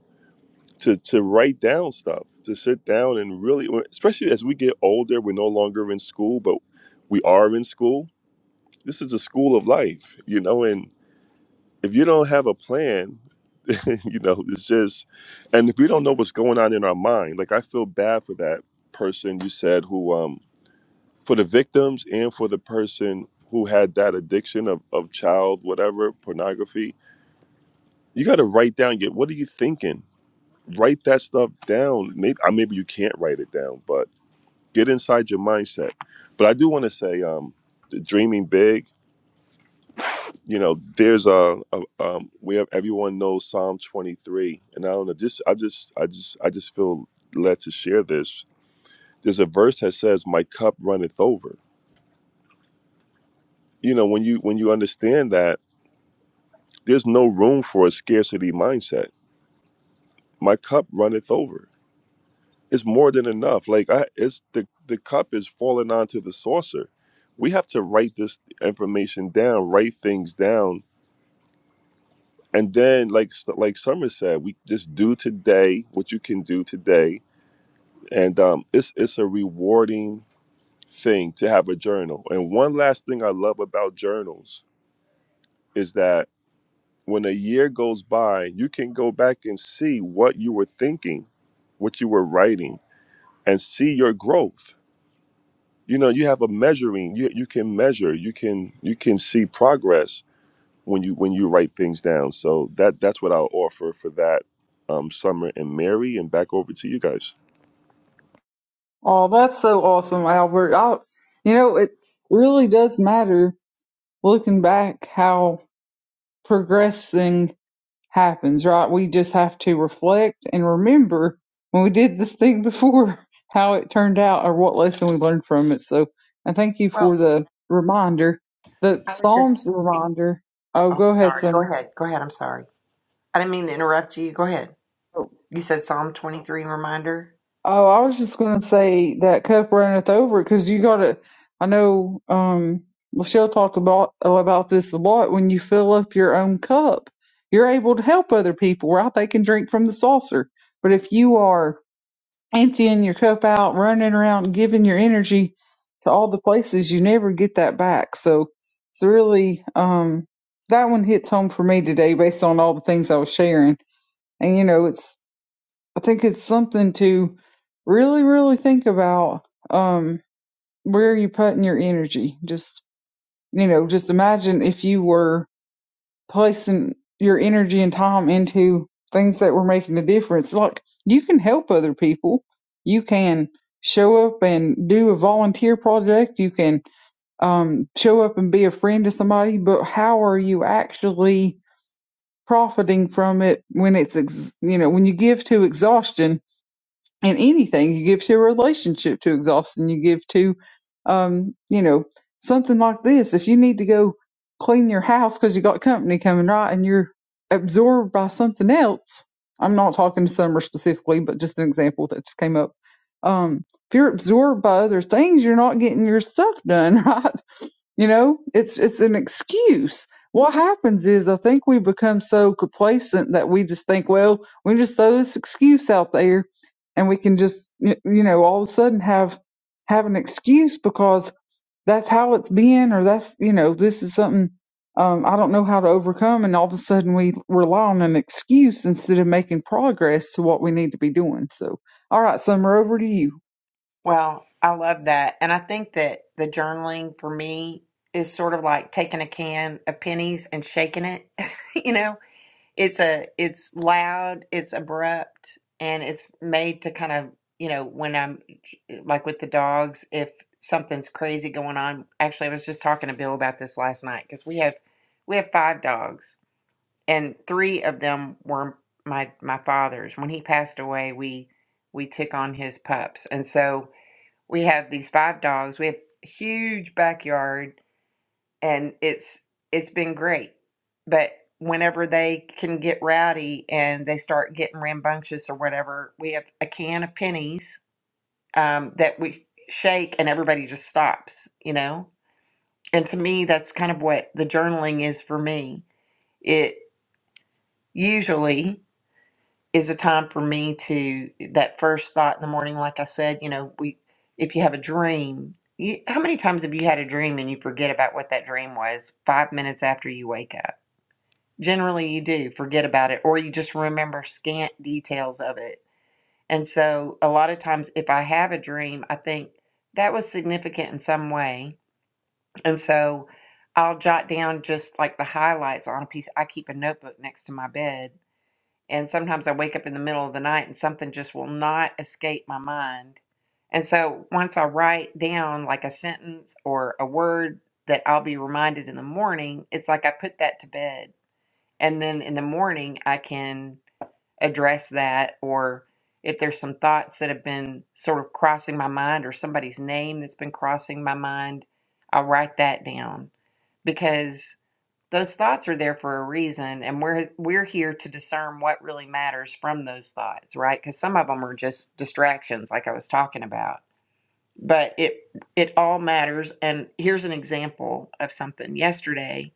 to to write down stuff, to sit down and really, especially as we get older, we're no longer in school, but we are in school. This is the school of life, you know, and if you don't have a plan you know, it's just, and if we don't know what's going on in our mind, like I feel bad for that person you said who, um, for the victims and for the person who had that addiction of, of child, whatever, pornography, you got to write down Get what are you thinking? Write that stuff down. Maybe, uh, maybe you can't write it down, but get inside your mindset. But I do want to say, um, the dreaming big you know, there's a, a um, we have everyone knows Psalm 23, and I don't know, just I just I just I just feel led to share this. There's a verse that says, "My cup runneth over." You know, when you when you understand that, there's no room for a scarcity mindset. My cup runneth over. It's more than enough. Like I, it's the the cup is falling onto the saucer. We have to write this information down, write things down, And then, like like Summer said, we just do today what you can do today, and um, it's it's a rewarding thing to have a journal. And one last thing I love about journals is that when a year goes by, you can go back and see what you were thinking, what you were writing, and see your growth. You know, you have a measuring. You you can measure. You can you can see progress when you when you write things down. So that that's what I'll offer for that um, summer and Mary and back over to you guys. Oh, that's so awesome, Albert. I, you know, it really does matter looking back how progressing happens, right? We just have to reflect and remember when we did this thing before how it turned out or what lesson we learned from it. So I thank you for Well, the reminder. The I was just. Psalms reminder. Oh, Oh, I'm go ahead, sorry. Go Summer. ahead. Go ahead. I'm sorry. I didn't mean to interrupt you. Go ahead. You said Psalm 23 reminder. Oh, I was just going to say that cup runneth over because you got to. I know um, Michelle talked about about this a lot. When you fill up your own cup, you're able to help other people, right? They can drink from the saucer. But if you are emptying your cup out, running around, giving your energy to all the places you never get that back. So it's really um, that one hits home for me today based on all the things I was sharing. And you know, it's I think it's something to really, really think about um, where are you putting your energy. Just you know, just imagine if you were placing your energy and time into things that were making a difference. Like you can help other people. You can show up and do a volunteer project. You can um, show up and be a friend to somebody. But how are you actually profiting from it when it's ex- you know when you give to exhaustion? in anything you give to a relationship to exhaustion you give to um you know something like this if you need to go clean your house because you got company coming right and you're absorbed by something else i'm not talking to summer specifically but just an example that just came up um if you're absorbed by other things you're not getting your stuff done right you know, it's it's an excuse. What happens is I think we become so complacent that we just think, well, we just throw this excuse out there, and we can just y- you know all of a sudden have have an excuse because that's how it's been, or that's you know this is something um, I don't know how to overcome, and all of a sudden we rely on an excuse instead of making progress to what we need to be doing. So, all right, Summer, over to you. Well, I love that. And I think that the journaling for me is sort of like taking a can of pennies and shaking it, you know? it's a it's loud it's abrupt and it's made to kind of you know when i'm eh, like with the dogs if something's crazy going on actually i was just talking to bill about this last night because we have we have five dogs and three of them were my my father's when he passed away we we took on his pups and so we have these five dogs we have huge backyard and it's it's been great. But whenever they can get rowdy and they start getting rambunctious or whatever, we have a can of pennies um, that we shake and everybody just stops, you know. And to me, that's kind of what the journaling is for me. It usually is a time for me to that first thought in the morning, like I said, you know, we if you have a dream. You, how many times have you had a dream and you forget about what that dream was five minutes after you wake up? generally you do forget about it or you just remember scant details of it and so a lot of times if i have a dream i think that was significant in some way and so i'll jot down just like the highlights on a piece i keep a notebook next to my bed and sometimes i wake up in the middle of the night and something just will not escape my mind and so once i write down like a sentence or a word that i'll be reminded in the morning it's like i put that to bed and then in the morning I can address that or if there's some thoughts that have been sort of crossing my mind or somebody's name that's been crossing my mind, I'll write that down because those thoughts are there for a reason and we're we're here to discern what really matters from those thoughts, right? Cuz some of them are just distractions like I was talking about. But it it all matters and here's an example of something yesterday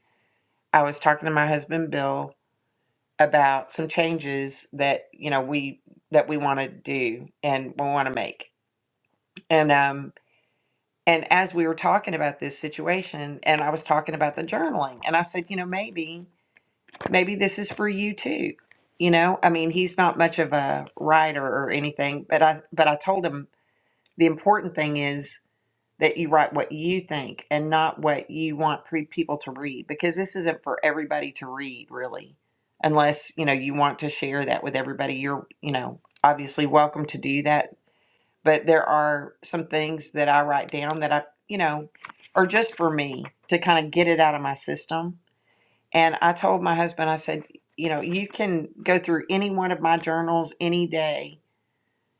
I was talking to my husband Bill about some changes that you know we that we want to do and we want to make and um and as we were talking about this situation and i was talking about the journaling and i said you know maybe maybe this is for you too you know i mean he's not much of a writer or anything but i but i told him the important thing is that you write what you think and not what you want pre- people to read because this isn't for everybody to read really unless you know you want to share that with everybody you're you know obviously welcome to do that but there are some things that I write down that I you know are just for me to kind of get it out of my system and I told my husband I said you know you can go through any one of my journals any day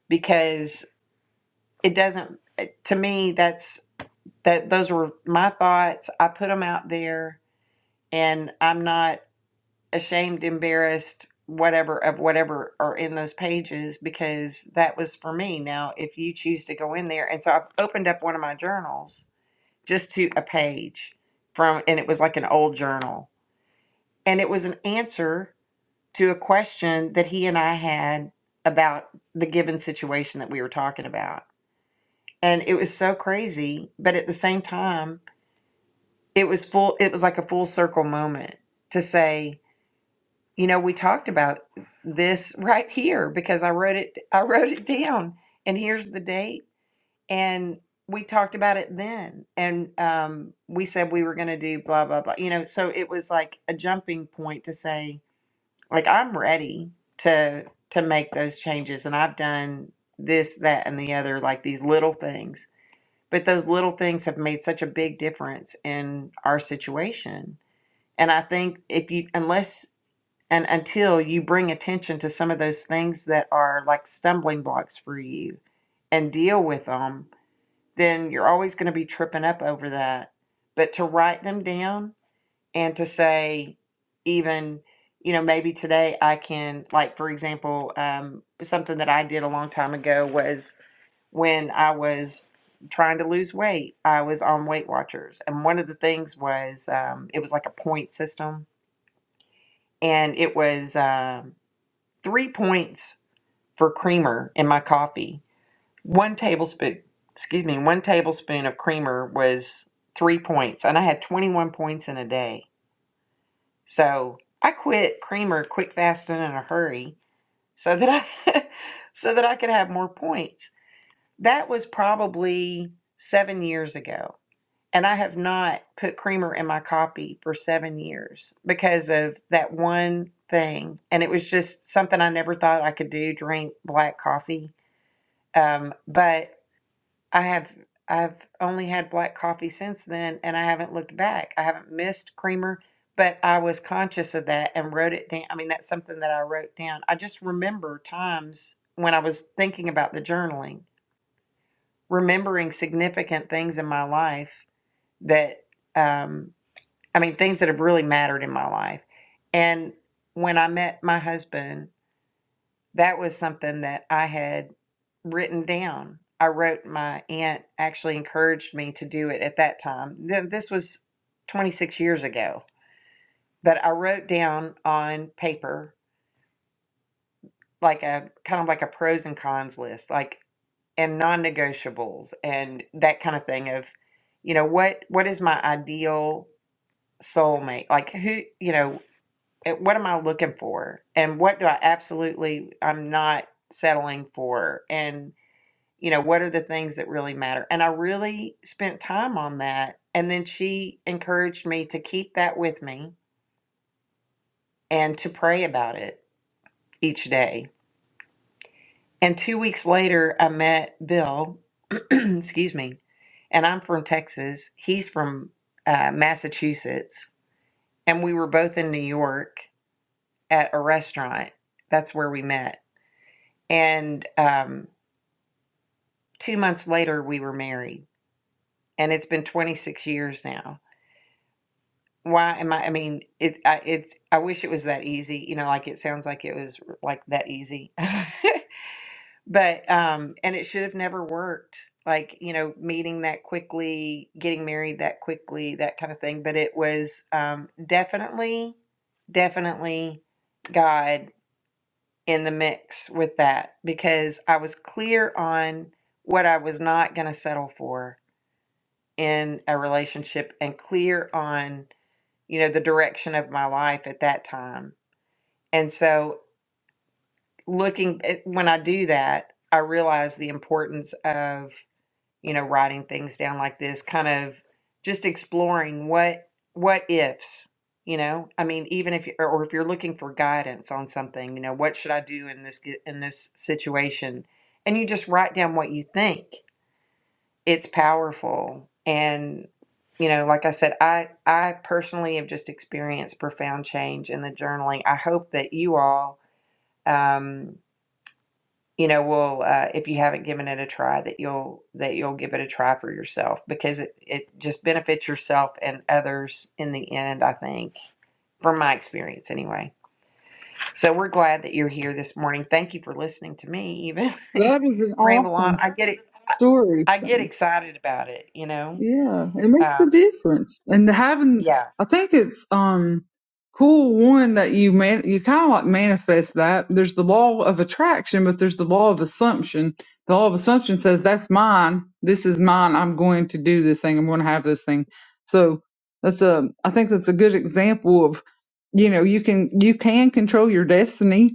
because it doesn't eh, to me that's that those were my thoughts. I put them out there and I'm not ashamed, embarrassed, whatever of whatever are in those pages because that was for me. Now, if you choose to go in there and so I've opened up one of my journals just to a page from and it was like an old journal and it was an answer to a question that he and I had about the given situation that we were talking about. And it was so crazy, but at the same time it was full it was like a full circle moment to say you know we talked about this right here because i wrote it i wrote it down and here's the date and we talked about it then and um, we said we were going to do blah blah blah you know so it was like a jumping point to say like i'm ready to to make those changes and i've done this that and the other like these little things but those little things have made such a big difference in our situation and I think if you, unless and until you bring attention to some of those things that are like stumbling blocks for you and deal with them, then you're always going to be tripping up over that. But to write them down and to say, even, you know, maybe today I can, like, for example, um, something that I did a long time ago was when I was trying to lose weight, I was on Weight Watchers. And one of the things was um, it was like a point system and it was um, three points for creamer in my coffee. One tablespoon, excuse me, one tablespoon of creamer was three points, and I had 21 points in a day. So I quit creamer quick, fast, and in a hurry, so that I, so that I could have more points. That was probably seven years ago. And I have not put creamer in my coffee for seven years because of that one thing. And it was just something I never thought I could do, drink black coffee. Um, but I have I've only had black coffee since then and I haven't looked back. I haven't missed creamer, but I was conscious of that and wrote it down. I mean, that's something that I wrote down. I just remember times when I was thinking about the journaling, remembering significant things in my life that um I mean, things that have really mattered in my life. And when I met my husband, that was something that I had written down. I wrote, my aunt actually encouraged me to do it at that time. Th- This was 26 years ago, but I wrote down on paper, like a kind of like a pros and cons list, like, and non negotiables and that kind of thing of, you know, what, what is my ideal soulmate? Like, who, you know, eh, what am I looking for? And what do I absolutely, I'm not settling for? And, you know, what are the things that really matter? And I really spent time on that. And then she encouraged me to keep that with me and to pray about it each day. And two weeks later, I met Bill, excuse me, and I'm from Texas. He's from uh, Massachusetts. And we were both in New York at a restaurant. That's where we met And um, two months later, we were married, and it's been 26 years now. Why am I? I mean, it. I, it's. I wish it was that easy. You know, like it sounds like it was like that easy, but um, and it should have never worked. Like you know, meeting that quickly, getting married that quickly, that kind of thing. But it was um, definitely, definitely God in the mix with that because I was clear on what I was not going to settle for in a relationship and clear on, you know, the direction of my life at that time. And so looking at, when I do that, I realize the importance of you know, writing things down like this, kind of just exploring what what ifs, you know. I mean, even if you or or if you're looking for guidance on something, you know, what should I do in this ge- in this situation? And you just write down what you think. It's powerful. And you know, like I said, I I personally have just experienced profound change in the journaling. I hope that you all um, you know will uh, if you haven't given it a try that you'll that you'll give it a try for yourself because it, it just benefits yourself and others in the end i think from my experience anyway so we're glad that you're here this morning thank you for listening to me even That is an ramble on awesome i get it i story. get excited about it you know Yeah, it makes um, a difference. And having, yeah I think it's um cool one that you man, you kind of like manifest that. There's the law of attraction, but there's the law of assumption. The law of assumption says that's mine. This is mine. I'm going to do this thing. I'm going to have this thing. So that's a, I think that's a good example of, you know, you can you can control your destiny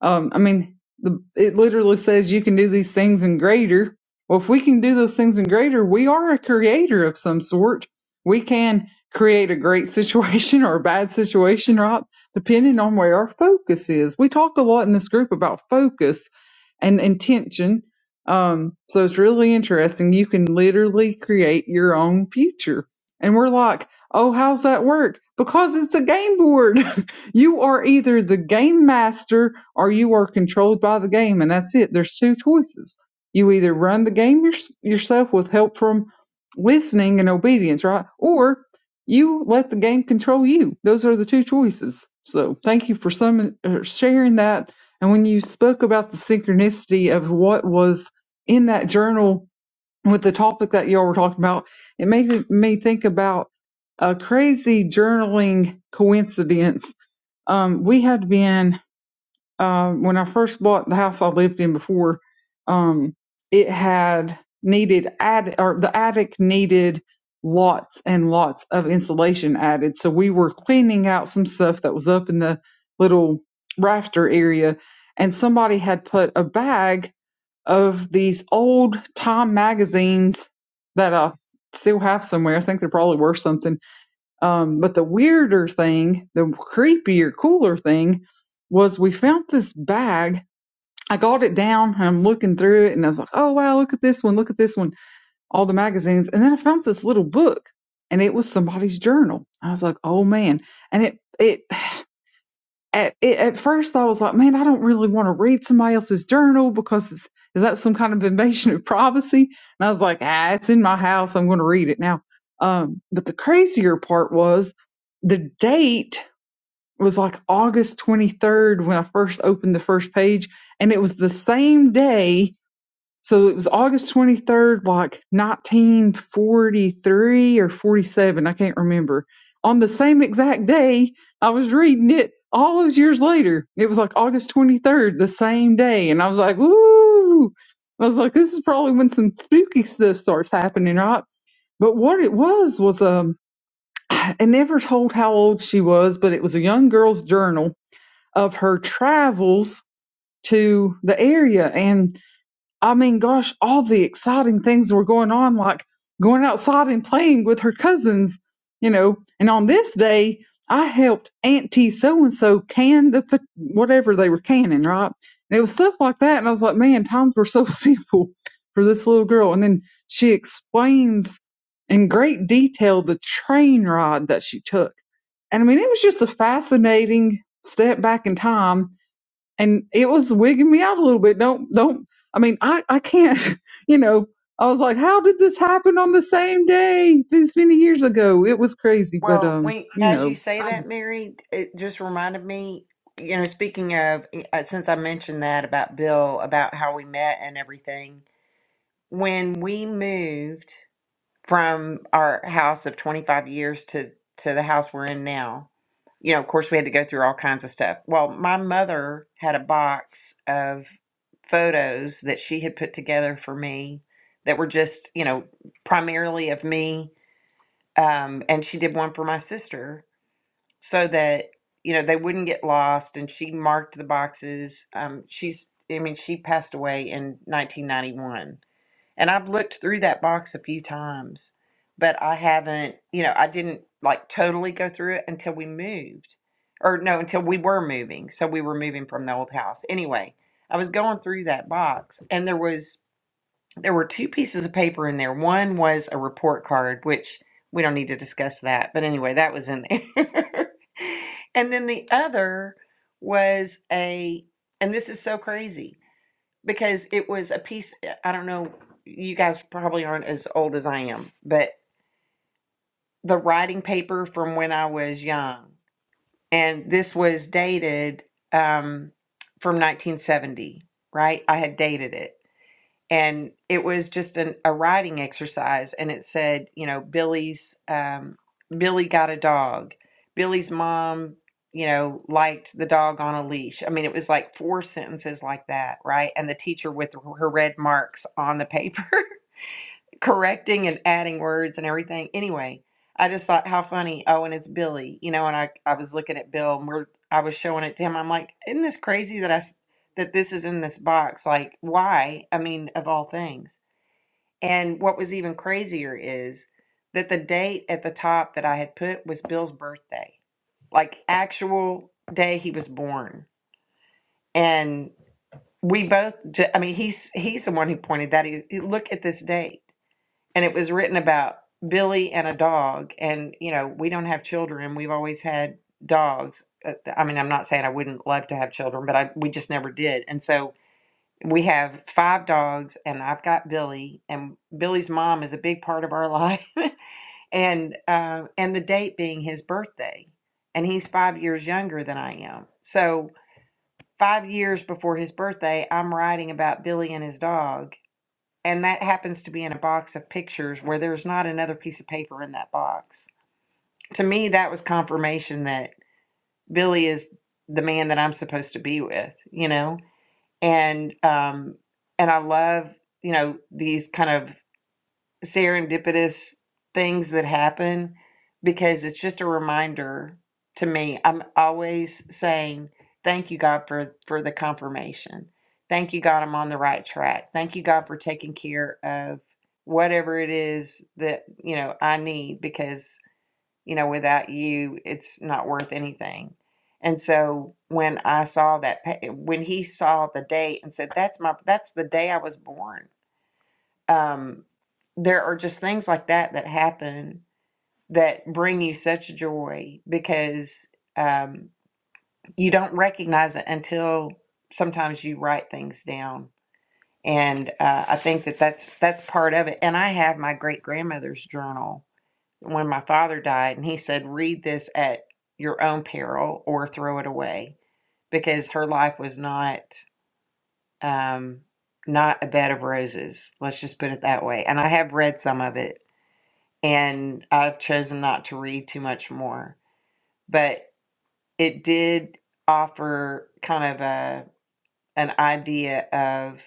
um, I mean, the, it literally says you can do these things and greater. Well, if we can do those things and greater, we are a creator of some sort. We can create a great situation or a bad situation, right? Depending on where our focus is. We talk a lot in this group about focus and intention. Um, so it's really interesting. You can literally create your own future. And we're like, oh, how's that work? Because it's a game board. You are either the game master or you are controlled by the game, and that's it. There's two choices. You either run the game yours yourself with help from listening and obedience, right? Or you let the game control you. Those are the two choices. So thank you for some uh, sharing that. And when you spoke about the synchronicity of what was in that journal with the topic that y'all were talking about, it made me think about a crazy journaling coincidence um, we had been uh, when I first bought the house I lived in before. Um, it had needed add or the attic needed lots and lots of insulation added. So we were cleaning out some stuff that was up in the little rafter area, and somebody had put a bag of these old Time magazines that I still have somewhere. I think they're probably worth something um, but the weirder thing, the creepier, cooler thing was we found this bag. I got it down and I'm looking through it and I was like, oh, wow, look at this one, look at this one, all the magazines. And then I found this little book and it was somebody's journal. I was like, oh man. And it, it at, at first I was like, man, I don't really want to read somebody else's journal because it's, is that some kind of invasion of privacy? And I was like, ah, it's in my house. I'm going to read it now. Um, but the crazier part was the date was like August 23rd when I first opened the first page. And it was the same day so it was August 23rd, like 1943 or 47, I can't remember. On the same exact day, I was reading it all those years later. It was like August 23rd, the same day. And I was like, ooh, I was like, this is probably when some spooky stuff starts happening, right? But what it was was, um, I never told how old she was, but it was a young girl's journal of her travels to the area. And I mean, gosh, all the exciting things were going on, like going outside and playing with her cousins, you know. And on this day, I helped Auntie so and so can the pot- whatever they were canning, right? And it was stuff like that. And I was like, man, times were so simple for this little girl. And then she explains in great detail the train ride that she took. And I mean, it was just a fascinating step back in time and it was wigging me out a little bit. Don't don't. I mean, I I can't. You know, I was like, how did this happen on the same day this many years ago? It was crazy, but well um, when you as you know, say I that just mary it just reminded me you know speaking of uh, since i mentioned that about bill about how we met and everything when we moved from our house of 25 years to to the house we're in now you know of course we had to go through all kinds of stuff well my mother had a box of photos that she had put together for me that were just you know primarily of me um, and she did one for my sister so that you know they wouldn't get lost and she marked the boxes um, she's i mean she passed away in 1991 and I've looked through that box a few times, but I haven't, you know, I didn't like totally go through it until we moved. Or no, until we were moving. So we were moving from the old house. Anyway, I was going through that box and there was there were two pieces of paper in there. One was a report card, which we don't need to discuss that. But anyway, that was in there. and then the other was a and this is so crazy because it was a piece eh, i don't know you guys probably aren't as old as i am but the writing paper from when i was young and this was dated um, from 1970 right i had dated it and it was just an, a writing exercise and it said you know billy's um, billy got a dog billy's mom you know liked the dog on a leash i mean it was like four sentences like that right and the teacher with her red marks on the paper correcting and adding words and everything. Anyway, I just thought how funny. Oh, and it's Billy, you know. And I I was looking at Bill, and we're I was showing it to him. I'm like, isn't this crazy that I s- that this is in this box? Like, why? I mean, of all things. And what was even crazier is that the date at the top that I had put was Bill's birthday, like actual day he was born, and we both. j- I mean, he's he's the one who pointed that. He look at this date and it was written about Billy and a dog. And you know, we don't have children. We've always had dogs. Uh, I mean, I'm not saying I wouldn't love to have children, but I we just never did. And so we have five dogs, and I've got Billy, and Billy's mom is a big part of our life, and uh, and the date being his birthday, and he's five years younger than I am. So five years before his birthday, I'm writing about Billy and his dog and that happens to be in a box of pictures where there's not another piece of paper in that box. To me, that was confirmation that Billy is the man that I'm supposed to be with, you know? And um and I love, you know, these kind of serendipitous things that happen because it's just a reminder to me. I'm always saying, thank you, God, for, for the confirmation. Thank you, God, I'm on the right track. Thank you, God, for taking care of whatever it is that, you know, I need because, you know, without you, it's not worth anything. And so when I saw that, pa- when he saw the date and said, that's my, that's the day I was born um, there are just things like that that happen that bring you such joy because um, you don't recognize it until sometimes you write things down. And uh, I think that that's that's part of it. And I have my great grandmother's journal when my father died, and he said, "Read this at your own peril or throw it away," because her life was not um, not a bed of roses. Let's just put it that way. And I have read some of it and I've chosen not to read too much more. But it did offer kind of a an idea of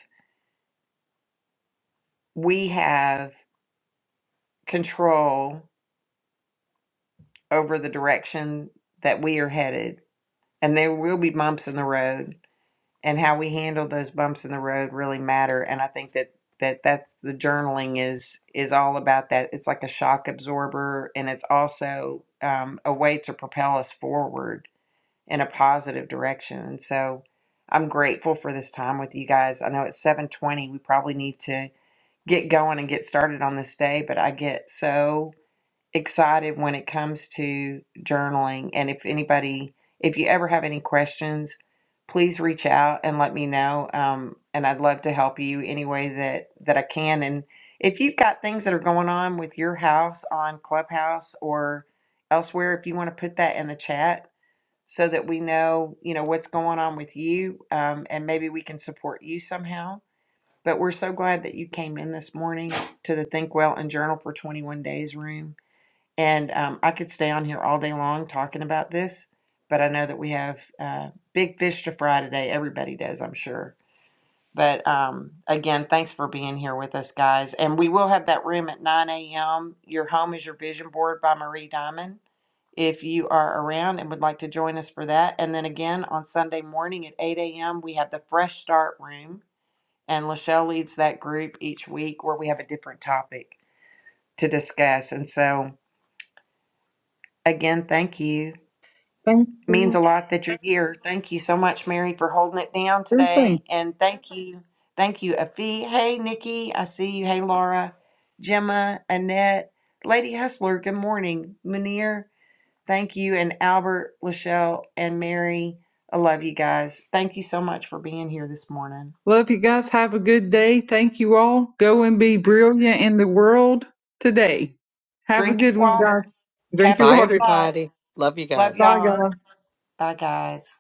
we have control over the direction that we are headed, and there will be bumps in the road, and how we handle those bumps in the road really matter. And I think that that that's the journaling is is all about that. It's like a shock absorber, and it's also um, a way to propel us forward in a positive direction. And so I'm grateful for this time with you guys. I know it's 720. We probably need to get going and get started on this day, but I get so excited when it comes to journaling. And if anybody, if you ever have any questions, please reach out and let me know. Um, and I'd love to help you any way that, that I can. And if you've got things that are going on with your house on Clubhouse or elsewhere, if you want to put that in the chat, so that we know, you know, what's going on with you, um, and maybe we can support you somehow. But we're so glad that you came in this morning to the Think Well and Journal for 21 Days room. And um, I could stay on here all day long talking about this, but I know that we have uh, big fish to fry today. Everybody does, I'm sure. But um, again, thanks for being here with us, guys. And we will have that room at 9 a.m. Your Home is Your Vision Board by Marie Diamond. If you are around and would like to join us for that. And then again, on Sunday morning at 8 a.m., we have the Fresh Start Room. And Lachelle leads that group each week where we have a different topic to discuss. And so, again, thank you. thanks means for a lot that you're here. Thank you so much, Mary, for holding it down good today. things. And thank you. Thank you, Afi. Hey, Nikki. I see you. Hey, Laura. Gemma, Annette, Lady Hustler. Good morning. Munir. Thank you. And Albert, Lachelle, and Mary. I love you guys. Thank you so much for being here this morning. Love you guys. Have a good day. Thank you all. Go and be brilliant in the world today. Have a Drink your good one, water. guys. Drink your Capture Bye, your water. everybody. thoughts. Love you Love guys. Bye, y'all. guys. Bye, guys.